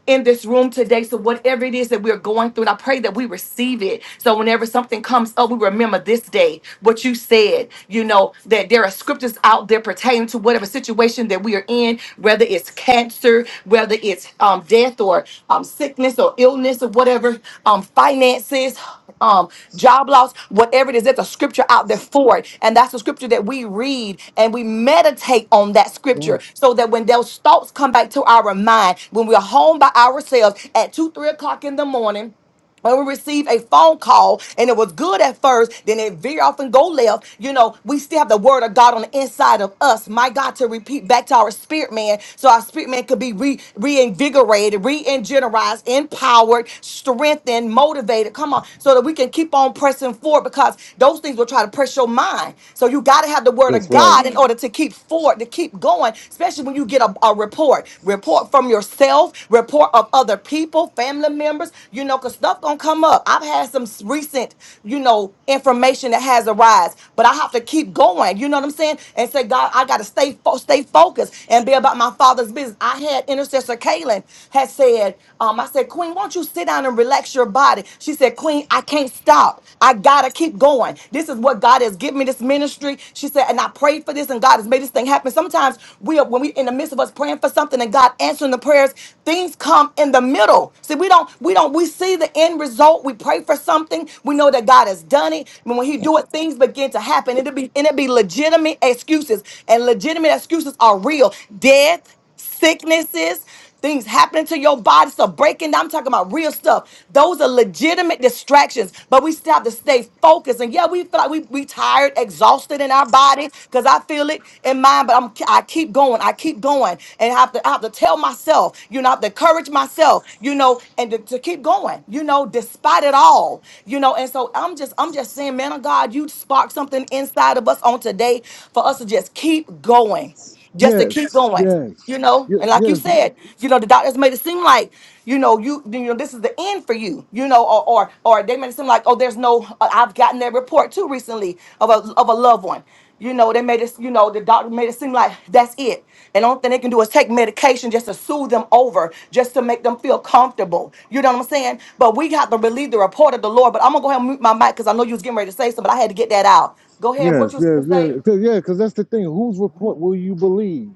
in this room today. So, whatever it is that we're going through, and I pray that we receive it. So, whenever something comes up, we remember this day, what you said, you know, that there are scriptures out there pertaining to whatever situation that we are in, whether it's cancer, whether it's um, death or um, sickness or illness or whatever, um, finances um, job loss, whatever it is, there's a scripture out there for it. And that's the scripture that we read and we meditate on that Yeah. scripture so that when those thoughts come back to our mind, when we're home by ourselves at two, three o'clock in the morning, when we receive a phone call and it was good at first, then it very often go left. You know, we still have the word of God on the inside of us. My God, to repeat back to our spirit man, so our spirit man could be re- reinvigorated, re-energized, empowered, strengthened, motivated. Come on, so that we can keep on pressing forward because those things will try to press your mind. So you got to have the word That's of right. God in order to keep forward, to keep going, especially when you get a, a report report. Report from yourself, report of other people, family members, you know, because stuff gonna come up. I've had some s- recent, you know, information that has arise, but I have to keep going, you know what I'm saying? And say, God, I gotta stay fo- stay focused and be about my father's business. I had intercessor Kaylin had said, um, I said, Queen, won't you sit down and relax your body? She said, Queen, I can't stop. I gotta keep going. This is what God has given me this ministry ministry. She said, and I prayed for this, and God has made this thing happen. Sometimes we are when we in the midst of us praying for something and God answering the prayers, things come in the middle. See, we don't, we don't, we see the end result. We pray for something. We know that God has done it. And when He do it, things begin to happen. It'll be and it'll be legitimate excuses. And legitimate excuses are real. Death sicknesses, things happening to your body, so breaking down. I'm talking about real stuff. Those are legitimate distractions, but we still have to stay focused. And yeah, we feel like we, we tired, exhausted in our bodies, because I feel it in mine, but I'm I keep going, I keep going. And I have to I have to tell myself, you know, I have to encourage myself, you know, and to, to keep going, you know, despite it all. You know, and so I'm just I'm just saying, man of God, you sparked something inside of us on today for us to just keep going. Just to keep Yes. going Yes. you know Ye- and like you Yes. said you know the doctors made it seem like you know you you know this is the end for you you know or or, or they made it seem like oh there's no uh, i've gotten that report too recently of a of a loved one you know they made it you know the doctor made it seem like that's it and only thing they can do is take medication just to soothe them over just to make them feel comfortable you know what i'm saying but we have to believe the report of the lord but i'm gonna go ahead and mute my mic because i know you was getting ready to say something but i had to get that out go ahead what Yes. you was Yes. gonna say Yes. Cause, yeah. Because that's the thing. Whose report will you believe?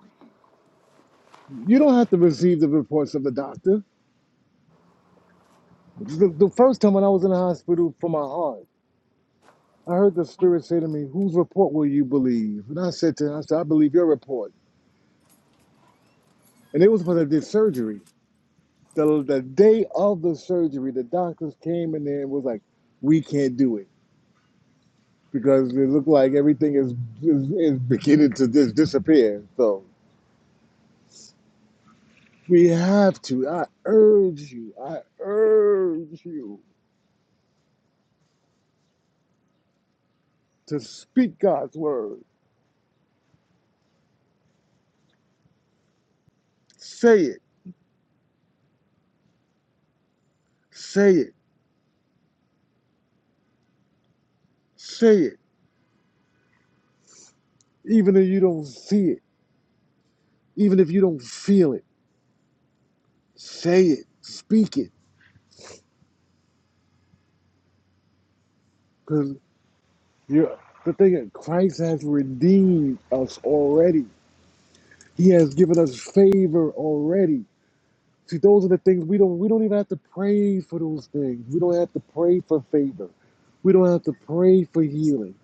You don't have to receive the reports of the doctor. The, the first time when I was in the hospital for my heart, I heard the spirit say to me, "Whose report will you believe?" And I said to him, "I said I believe your report." And it was when I did surgery. The the day of the surgery, the doctors came in there and was like, "We can't do it because it looked like everything is is, is beginning to just disappear." So we have to. I urge you. I urge you to speak God's word. Say it. Say it. Say it even if you don't see it. Even if you don't feel it, say it, speak it. Because you're the thing is, Christ has redeemed us already. He has given us favor already. See, those are the things we don't we don't even have to pray for those things. We don't have to pray for favor. We don't have to pray for healing.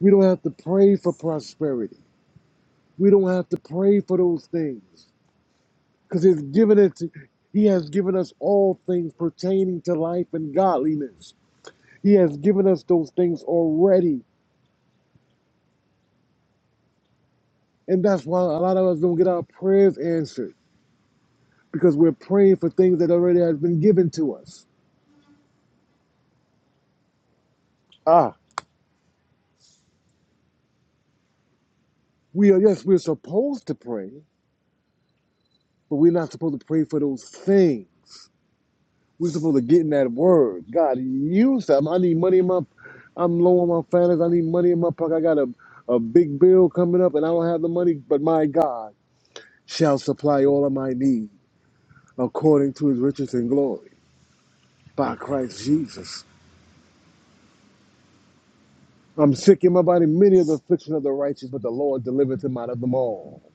We don't have to pray for prosperity. We don't have to pray for those things. Because it's given it to, He has given us all things pertaining to life and godliness. He has given us those things already. And that's why a lot of us don't get our prayers answered because we're praying for things that already has been given to us. Ah, we are, yes, we're supposed to pray, but we're not supposed to pray for those things. We're supposed to get in that word. God, use that. I need money in my, I'm low on my finances. I need money in my pocket. I got a, a big bill coming up and I don't have the money, but my God shall supply all of my need according to his riches and glory by Christ Jesus. I'm sick in my body, many of the affliction of the righteous, but the Lord delivereth him out of them all.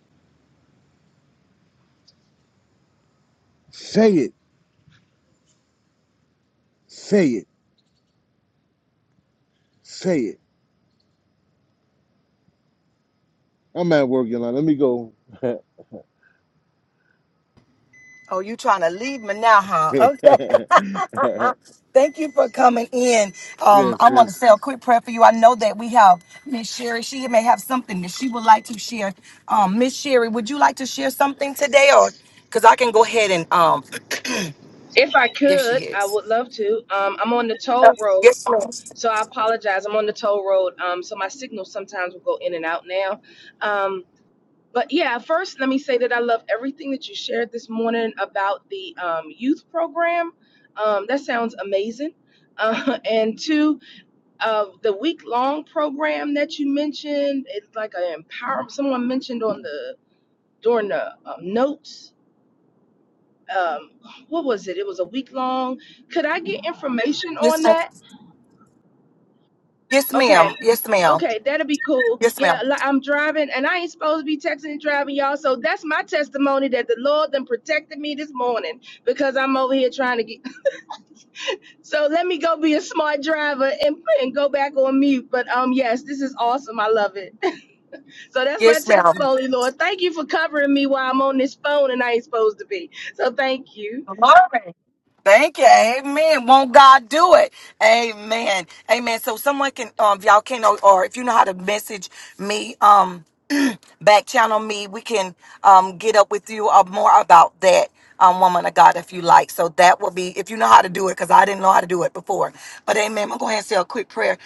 Say it, say it, say it. I'm at work, Yolanda. Let me go. Oh, you trying to leave me now, huh? Thank you for coming in. Um, yes, I want sis. to say a quick prayer for you. I know that we have Miss Sherry. She may have something that she would like to share. Um, Miss Sherry, would you like to share something today, or because I can go ahead and um, If I there she could, I is. would love to. Um, I'm on the Uh, toll road, yes, ma'am. so I apologize. I'm on the toll road, um, so my signal sometimes will go in and out now. Um, but yeah, first, let me say that I love everything that you shared this morning about the um, youth program. Um, that sounds amazing. Uh, and two, uh, the week long program that you mentioned, it's like an empower. Someone mentioned on the during the um, notes um what was it? It was a week long. Could I get information Yes, on that? Okay. ma'am. Yes, ma'am. Okay, that'll be cool. Yes, Yeah, ma'am. I'm driving and I ain't supposed to be texting and driving y'all. So that's my testimony that the Lord then protected me this morning because I'm over here trying to get so let me go be a smart driver and, and go back on mute. But um yes, this is awesome. I love it. So that's my Yes, ma'am. testimony, Lord. Thank you for covering me while I'm on this phone and I ain't supposed to be. So thank you. Glory. Thank you. Amen. Won't God do it? Amen. Amen. So someone can, um, if y'all can, or or if you know how to message me, um, back channel me, we can, um, get up with you uh, more about that, um, woman of God, if you like. So that will be, if you know how to do it, because I didn't know how to do it before. But amen. I'm going to go ahead and say a quick prayer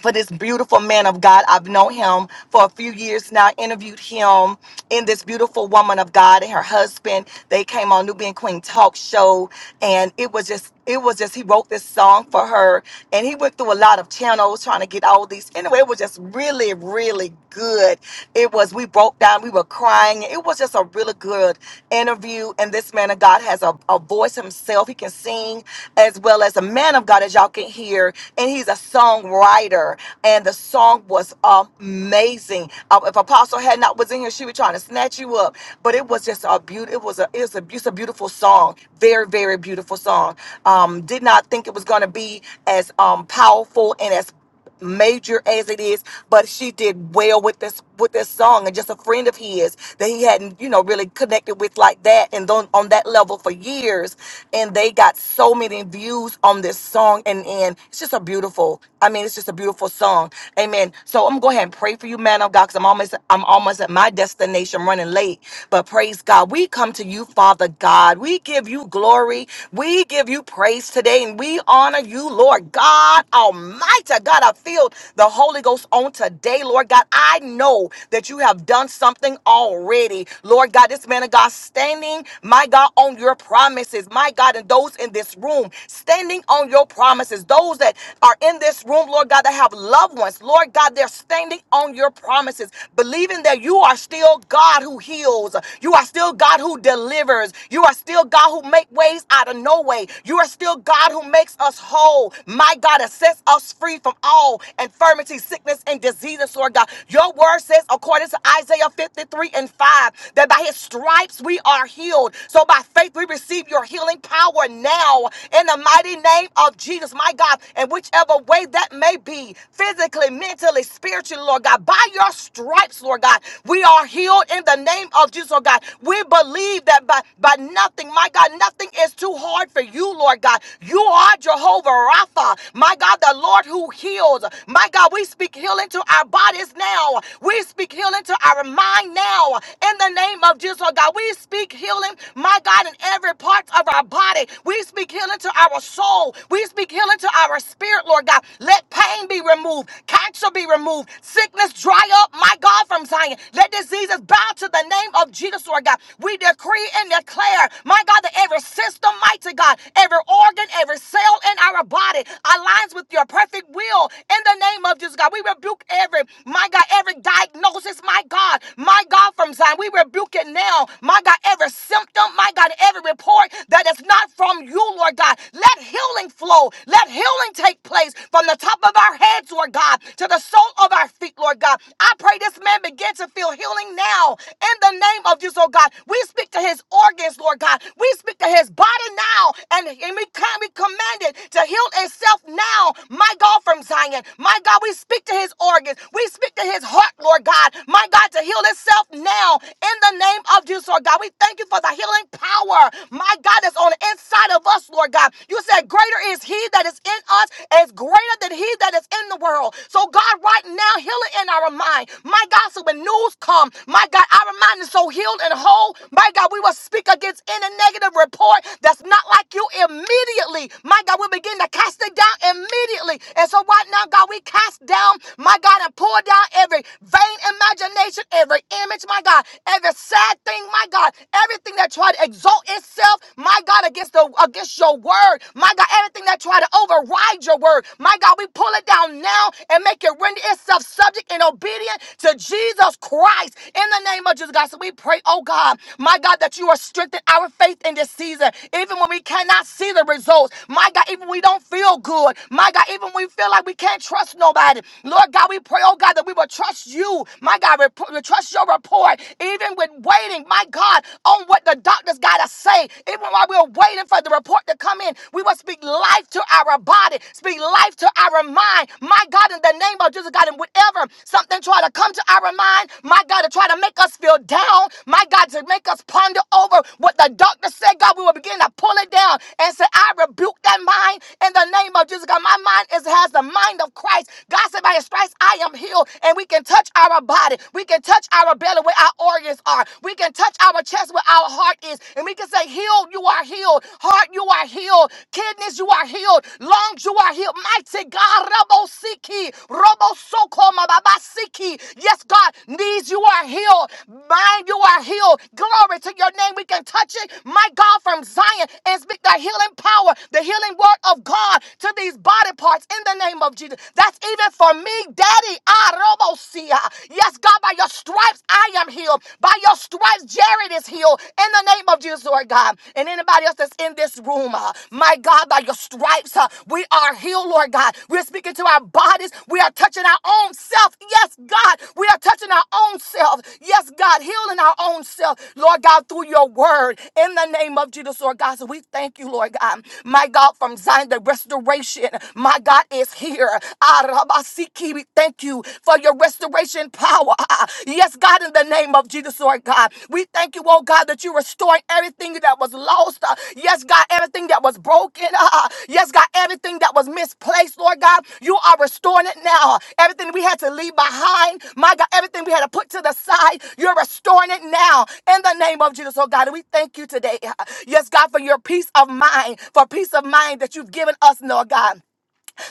for this beautiful man of God. I've known him for a few years now, interviewed him in this beautiful woman of God and her husband. They came on Nubian Queen Talk Show, and it was just, it was just, he wrote this song for her, and he went through a lot of channels trying to get all these. Anyway, it was just really, really good. It was, we broke down, we were crying. It was just a really good interview, and this man of God has a, a voice himself. He can sing as well as a man of God, as y'all can hear, and he He's a songwriter, and the song was amazing. Uh, if Apostle had not was in here, she was trying to snatch you up, but it was just a beautiful. It was a it's a, it's a beautiful song, very very beautiful song. Um, did not think it was going to be as um powerful and as major as it is, but she did well with this with this song and just a friend of his that he hadn't, you know, really connected with like that and on, on that level for years. And they got so many views on this song and and it's just a beautiful, I mean it's just a beautiful song. Amen. So I'm gonna go ahead and pray for you, man of God, because I'm almost I'm almost at my destination running late. But praise God. We come to you, Father God. We give you glory. We give you praise today and we honor you, Lord God Almighty God. God, I feel the Holy Ghost on today, Lord God. I know that you have done something already, Lord God. This man of God standing, my God, on your promises, my God, and those in this room standing on your promises, those that are in this room, Lord God, that have loved ones, Lord God, they're standing on your promises, believing that you are still God who heals, you are still God who delivers, you are still God who make ways out of no way, you are still God who makes us whole, my God, that sets us free from from all infirmity, sickness, and diseases, Lord God. Your word says, according to Isaiah 53 and 5, that by his stripes we are healed. So by faith we receive your healing power now in the mighty name of Jesus, my God. And whichever way that may be, physically, mentally, spiritually, Lord God, by your stripes, Lord God, we are healed in the name of Jesus, Lord God. We believe that by, by nothing, my God, nothing is too hard for you, Lord God. You are Jehovah Rapha, my God, the Lord who you healed. My God, we speak healing to our bodies now. We speak healing to our mind now. In the name of Jesus, oh God, we speak healing, my God, in every part of our body. We speak healing to our soul. We speak healing to our spirit, Lord God. Let pain be removed, cancer be removed, sickness dry up, my God, from Zion. Let diseases bow to the name of Jesus, Lord God. We decree and declare, my God, that every system, mighty God, every organ, every cell in our body aligns with your perfect perfect will in the name of Jesus, God. We rebuke every, my God, every diagnosis, my God, my God, from Zion. We rebuke it now, my God, every symptom, my God, every report that is not from you, Lord God. Let healing flow. Let healing take place from the top of our heads, Lord God, to the sole of our feet, Lord God. I pray this man begin to feel healing now in the name of Jesus, oh God. We speak to his organs, Lord God. We speak to his body now, and, and we, can, we command it to heal itself now, my God, from Zion. My God, we speak to his organs. We speak to his heart, Lord God. My God, to heal itself now in the name of Jesus, Lord God. We thank you for the healing power, my God, that's on the inside of us, Lord God. You said, Greater is he that is in us, is greater than he that is in the world. So, God, right now, heal it in our mind. My God, so when news come, my God, our mind is so healed and whole. My God, we will speak against any negative report that's not like you immediately. My God, we begin to cast it down immediately spiritually. And so right now, God, we cast down, my God, and pull down every vain imagination, every image, my God, every sad thing, my God, everything that tried to exalt itself, my God, against the against your word, my God, everything that tried to override your word, my God, we pull it down now and make it render itself subject and obedient to Jesus Christ in the name of Jesus, God. So we pray, oh God, my God, that you are strengthening our faith in this season, even when we cannot see the results, my God, even when we don't feel good, my God, even even when we feel like we can't trust nobody. Lord God, we pray, oh God, that we will trust you. My God, rep- we trust your report, even with waiting, my God, on what the doctor's got to say. Even while we're waiting for the report to come in, we will speak life to our body, speak life to our mind. My God, in the name of Jesus, God, and whatever something try to come to our mind, my God, to try to make us feel down, my God, to make us ponder over what the doctor said, God, we will begin to pull it down and say, I rebuke that mind in the name of Jesus, God. My mind mind is has the mind of Christ. God said, by his stripes, I am healed. And we can touch our body. We can touch our belly where our organs are. We can touch our chest where our heart is. And we can say, healed, you are healed. Heart, you are healed. Kidneys, you are healed. Lungs, you are healed. Mighty God, Robo Siki, Robo Soko, Mababa Siki. Yes, God, knees, you are healed. Mind, you are healed. Glory to your name. We can touch it, my God, from Zion and speak the healing power, the healing word of God to these bodies body parts in the name of Jesus. That's even for me, Daddy. Arobosia. Yes, God, by your stripes I am healed. By your stripes, Jared is healed in the name of Jesus, Lord God. And anybody else that's in this room, uh, my God, by your stripes, uh, we are healed, Lord God. We're speaking to our bodies. We are touching our own self. Yes, God, we are touching our own self. Yes, God, healing our own self, Lord God, through your word in the name of Jesus, Lord God. So we thank you, Lord God, my God, from Zion, the restoration. My God is here. Arabasiki, we Thank you for your restoration power. Ah, Yes, God, in the name of Jesus, Lord God. We thank you, oh God, that you restoring everything that was lost. Ah, Yes, God, everything that was broken. Ah, Yes, God, everything that was misplaced, Lord God. You are restoring it now. Everything we had to leave behind, my God, everything we had to put to the side, you're restoring it now. In the name of Jesus, oh God, and we thank you today. Ah, Yes, God, for your peace of mind, for peace of mind that you've given us, Lord God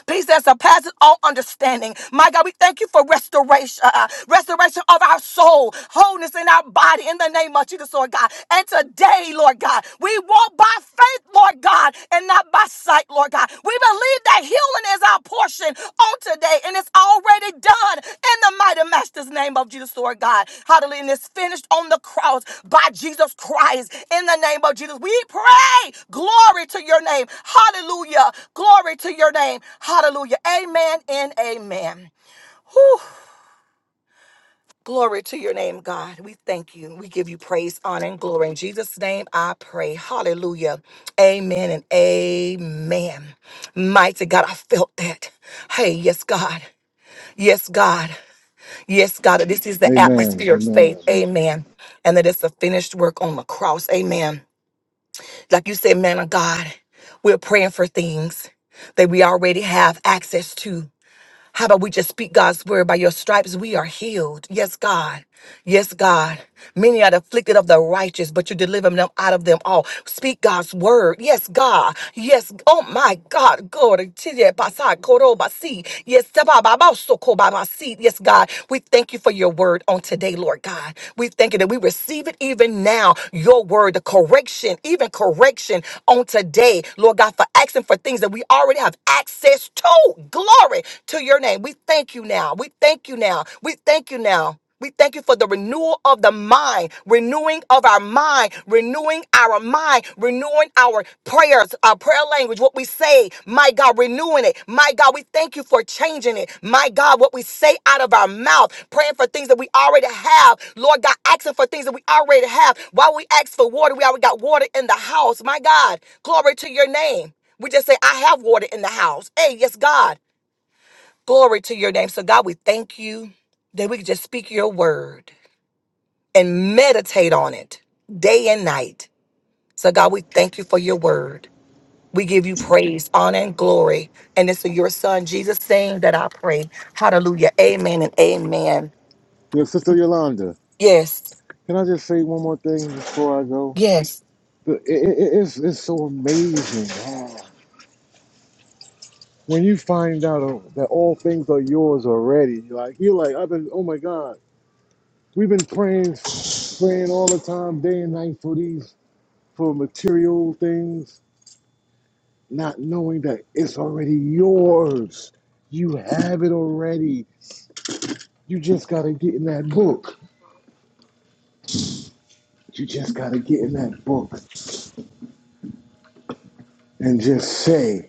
peace that surpasses all understanding. My God, we thank you for restoration, uh, uh, restoration of our soul, wholeness in our body in the name of Jesus, Lord God. And today, Lord God, we walk by faith, Lord God, and not by sight, Lord God. We believe that healing is our portion today and it's already done in the mighty master's name of Jesus, Lord God. Hallelujah. And it's finished on the cross by Jesus Christ in the name of Jesus. We pray. Glory to your name. Hallelujah. Glory to your name. Hallelujah. Amen and amen. Whew. Glory to your name, God. We thank you. We give you praise, honor, and glory. In Jesus' name, I pray. Hallelujah. Amen and amen. Mighty God, I felt that. Hey, yes, God. Yes, God. Yes, God, that this is the Amen, atmosphere of amen. faith. Amen. And that it's a finished work on the cross. Amen. Like you said, man of God, we're praying for things that we already have access to. How about we just speak God's word? By your stripes, we are healed. Yes, God. Yes, God. Many are afflicted of the righteous, but you deliver them out of them all. Speak God's word. Yes, God. Yes. Oh, my God. Glory to you. Basa koro basi. Yes, saba baba soko baba si. Yes, God. We thank you for your word on today, Lord God. We thank you that we receive it even now. Your word, the correction, even correction on today, Lord God, for asking for things that we already have access access to. Glory to your name. We thank you now. We thank you now. We thank you now. We thank you for the renewal of the mind, renewing of our mind, renewing our mind, renewing our prayers, our prayer language, what we say. My God, renewing it. My God, we thank you for changing it. My God, what we say out of our mouth, praying for things that we already have. Lord God, asking for things that we already have. While we ask for water, we already got water in the house. My God, glory to your name. We just say, I have water in the house. Hey, yes, God. Glory to your name. So, God, we thank you that we can just speak your word and meditate on it day and night. So, God, we thank you for your word. We give you praise, honor, and glory. And it's in your son, Jesus' name that I pray. Hallelujah. Amen and amen. Your sister Yolanda, Yes. can I just say one more thing before I go? Yes. it- it- it's, it's so amazing wow. when you find out that all things are yours already. Like you're like I've been. Oh my God, we've been praying praying all the time, day and night for these for material things, not knowing that it's already yours. You have it already. You just got to get in that book. You just got to get in that book and just say.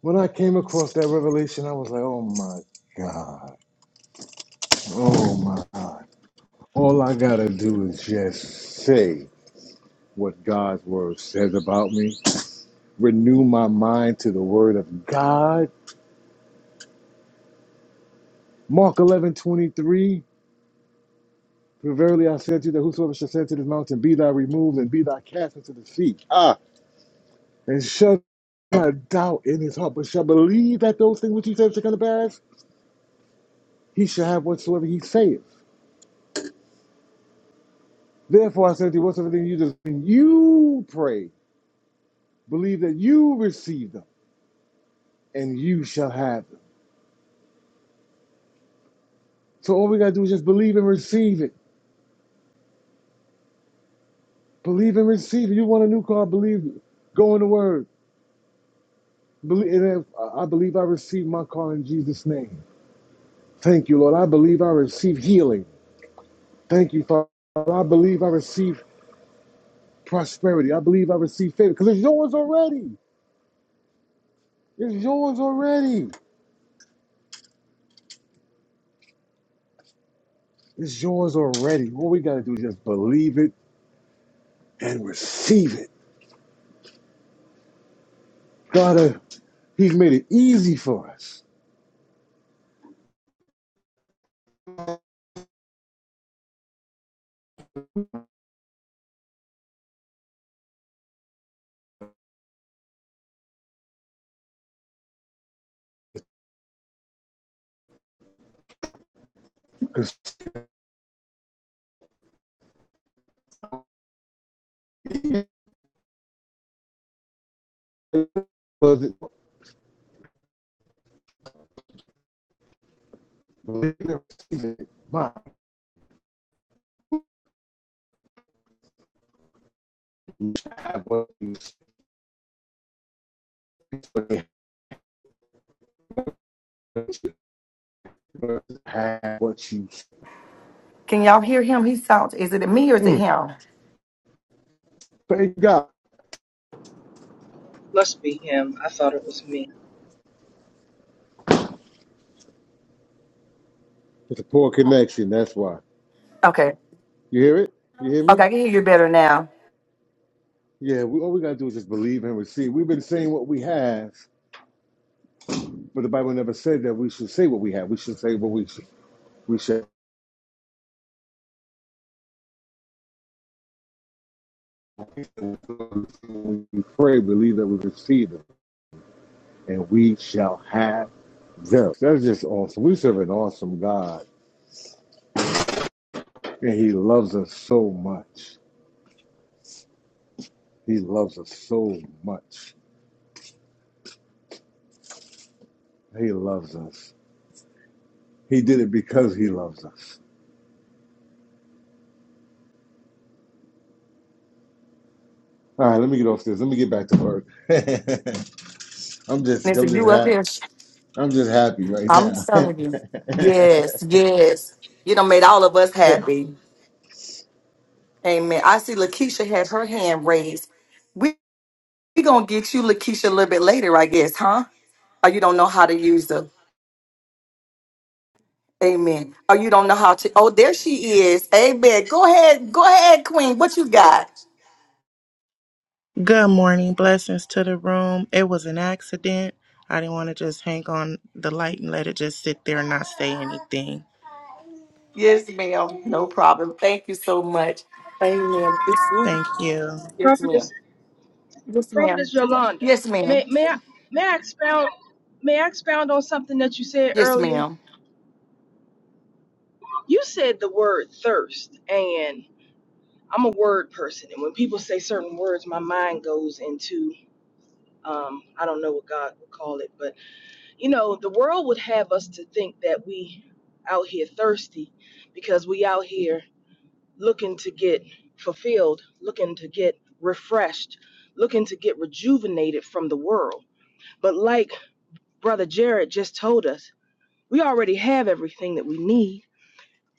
When I came across that revelation, I was like, oh my God. Oh my God. All I got to do is just say what God's word says about me, renew my mind to the word of God. Mark eleven twenty three. For verily I say to you that whosoever shall say to this mountain, Be thou removed and be thou cast into the sea, ah, and shall not doubt in his heart, but shall believe that those things which he says shall come to pass, he shall have whatsoever he saith. Therefore I say to you, whatsoever thing you just when you pray, believe that you receive them, and you shall have them. So all we gotta do is just believe and receive it. Believe and receive it. You want a new car, believe it. Go in the word. Believe and if- I I believe I receive my car in Jesus' name. Thank you, Lord. I believe I receive healing. Thank you, Father. I believe I receive prosperity. I believe I receive favor because it's yours already. It's yours already. It's yours already. All we got to do is just believe it and receive it. God, uh, He's made it easy for us because my have what you Can y'all hear him? He sounds, is it me or is it mm, him? thank God. Must be him. I thought it was me. It's a poor connection. That's why. Okay. You hear it? You hear Okay, me? I can hear you better now. Yeah, we, all we got to do is just believe and receive. We've been saying what we have, but the Bible never said that we should say what we have. We should say what we should. We should we pray, believe that we receive them, and we shall have them. That's just awesome. We serve an awesome God, and He loves us so much. He loves us so much. He loves us. He did it because He loves us. All right, let me get off this. Let me get back to work. I'm just, I'm Listen, just you up happy. here. I'm just happy right I'm telling you. now. Yes, yes. You know, made all of us happy. Amen. I see Lakeisha had her hand raised. We we gonna get you, Lakeisha, a little bit later, I guess, huh? Or you don't know how to use them. Amen. Or you don't know how to. Oh, there she is. Amen. Go ahead. Go ahead, Queen. What you got? Good morning. Blessings to the room. It was an accident. I didn't want to just hang on the light and let it just sit there and not say anything. Yes, ma'am. No problem. Thank you so much. Amen. Yes, ma'am. Thank you. Yes, Prophetess. ma'am. Prophetess Yolanda, Yes, ma'am. may may I may I expound may I expound on something that you said Yes, earlier? ma'am. You said the word thirst, and I'm a word person, and when people say certain words, my mind goes into um, I don't know what God would call it, but you know, the world would have us to think that we out here thirsty because we out here looking to get fulfilled, looking to get refreshed, looking to get rejuvenated from the world. But like Brother Jared just told us, we already have everything that we need.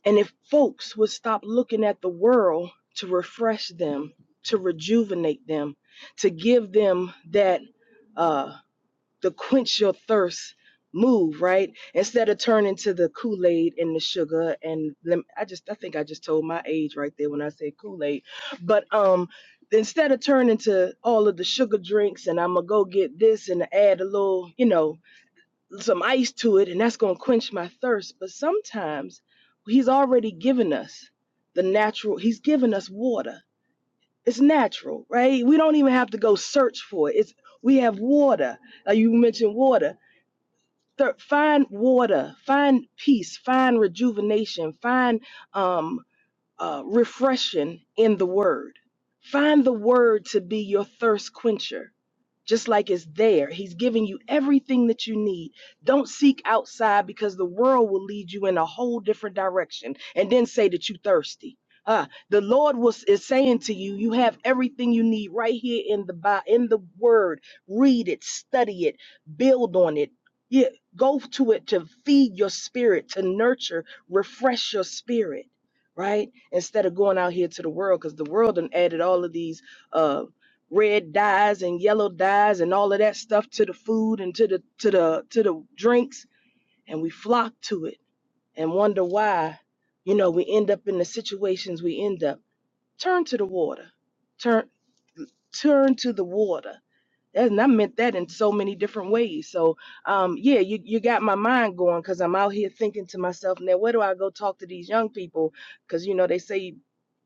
And if folks would stop looking at the world to refresh them, to rejuvenate them, to give them that, uh, the quench your thirst move, right? Instead of turning to the Kool Aid and the sugar and lem- I just, I think I just told my age right there when I say Kool Aid, but um. Instead of turning to all of the sugar drinks and I'm gonna go get this and add a little, you know, some ice to it and that's going to quench my thirst but sometimes he's already given us the natural he's given us water it's natural right we don't even have to go search for it it's we have water uh, you mentioned water Thir- find water find peace find rejuvenation find um uh, refreshing in the word. Find the word to be your thirst quencher, just like it's there. He's giving you everything that you need. Don't seek outside because the world will lead you in a whole different direction and then say that you're thirsty. Ah, the Lord was is saying to you, you have everything you need right here in the Bi- in the Word. Read it, study it, build on it. Yeah, go to it to feed your spirit, to nurture, refresh your spirit right? instead of going out here to the world because the world done added all of these uh red dyes and yellow dyes and all of that stuff to the food and to the to the to the drinks and we flock to it and wonder why you know we end up in the situations we end up turn to the water turn turn to the water and I meant that in so many different ways. So, um, yeah, you, you got my mind going because I'm out here thinking to myself, now where do I go talk to these young people? Because you know they say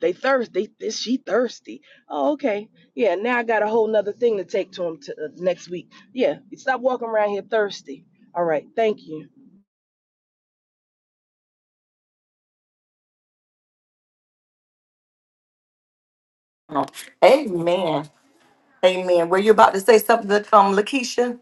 they thirsty. Is she thirsty? Oh, okay. Yeah. Now I got a whole nother thing to take to them to, uh, next week. Yeah. Stop walking around here thirsty. All right. Thank you. Amen. Amen. Were you about to say something, um, Lakeisha?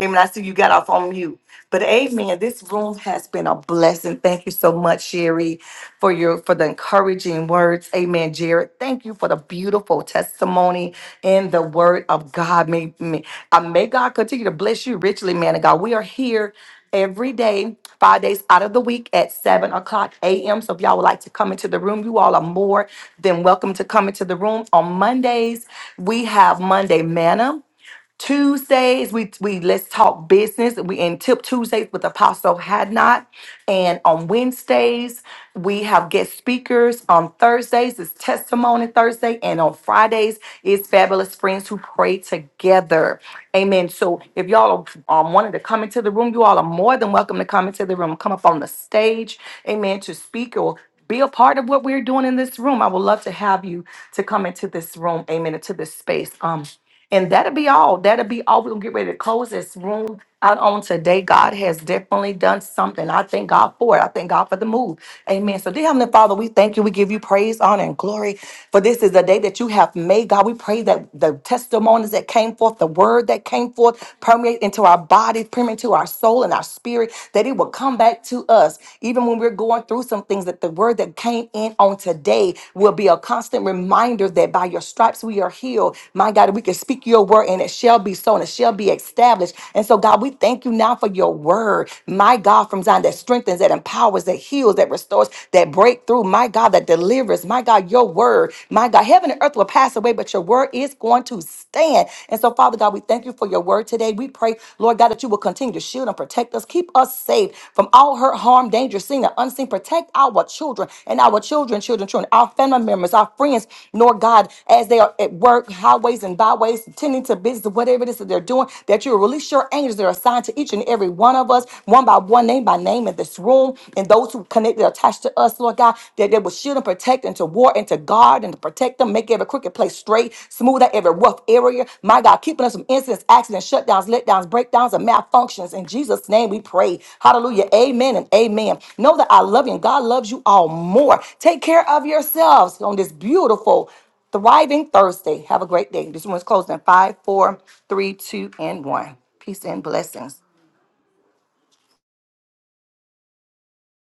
Amen. I see you got off on mute. But amen. This room has been a blessing. Thank you so much, Sherry, for your for the encouraging words. Amen. Jared, thank you for the beautiful testimony in the word of God. May, may, uh, may God continue to bless you richly, man of God. We are here every day, five days out of the week at 7 o'clock a.m. So if y'all would like to come into the room, you all are more than welcome to come into the room. On Mondays, we have Monday Manna. Tuesdays, we we let's talk business. We in Tip Tuesdays with Apostle Had Not, and on Wednesdays we have guest speakers. On Thursdays is Testimony Thursday, and on Fridays is Fabulous Friends Who Pray Together. Amen. So if y'all are, um, wanted to come into the room, you all are more than welcome to come into the room. Come up on the stage, Amen, to speak or be a part of what we're doing in this room. I would love to have you to come into this room, Amen, into this space. Um. And that'll be all. That'll be all. We're gonna get ready to close this room out on today. God has definitely done something. I thank God for it. I thank God for the move. Amen. So, dear Heavenly Father, we thank you. We give you praise, honor, and glory. For this is the day that you have made. God, we pray that the testimonies that came forth, the word that came forth, permeate into our body, permeate into our soul and our spirit, that it will come back to us. Even when we're going through some things things that the word that came in on today will be a constant reminder that by your stripes we are healed. My God, we can speak your word and it shall be so and it shall be established. And so, God, we thank you now for your word, my God, from Zion that strengthens, that empowers, that heals, that restores, that breakthrough, my God, that delivers, my God, your word, my God, heaven and earth will pass away, but your word is going to stand. And so, Father God, we thank you for your word word today. We pray, Lord God, that you will continue to shield and protect us. Keep us safe from all hurt, harm, danger, seen and unseen. Protect our children and our children, children, children, our family members, our friends, Lord God, as they are at work, highways and byways, tending to business, whatever it is that they're doing, that you will release your angels that are assigned to each and every one of us, one by one, name by name in this room, and those who connected, attached to us, Lord God, that they will shield and protect protect and to war and to guard and to protect them, make every crooked place straight, smooth out every rough area. My God, keeping us from incidents, accidents, shutdowns, letdowns, breakdowns, and malfunctions. In Jesus' name we pray. Hallelujah. Amen and amen. Know that I love you and God loves you all more. Take care of yourselves on this beautiful, thriving Thursday. Have a great day. This one's closing in five, four, three, two, and one. Peace and blessings.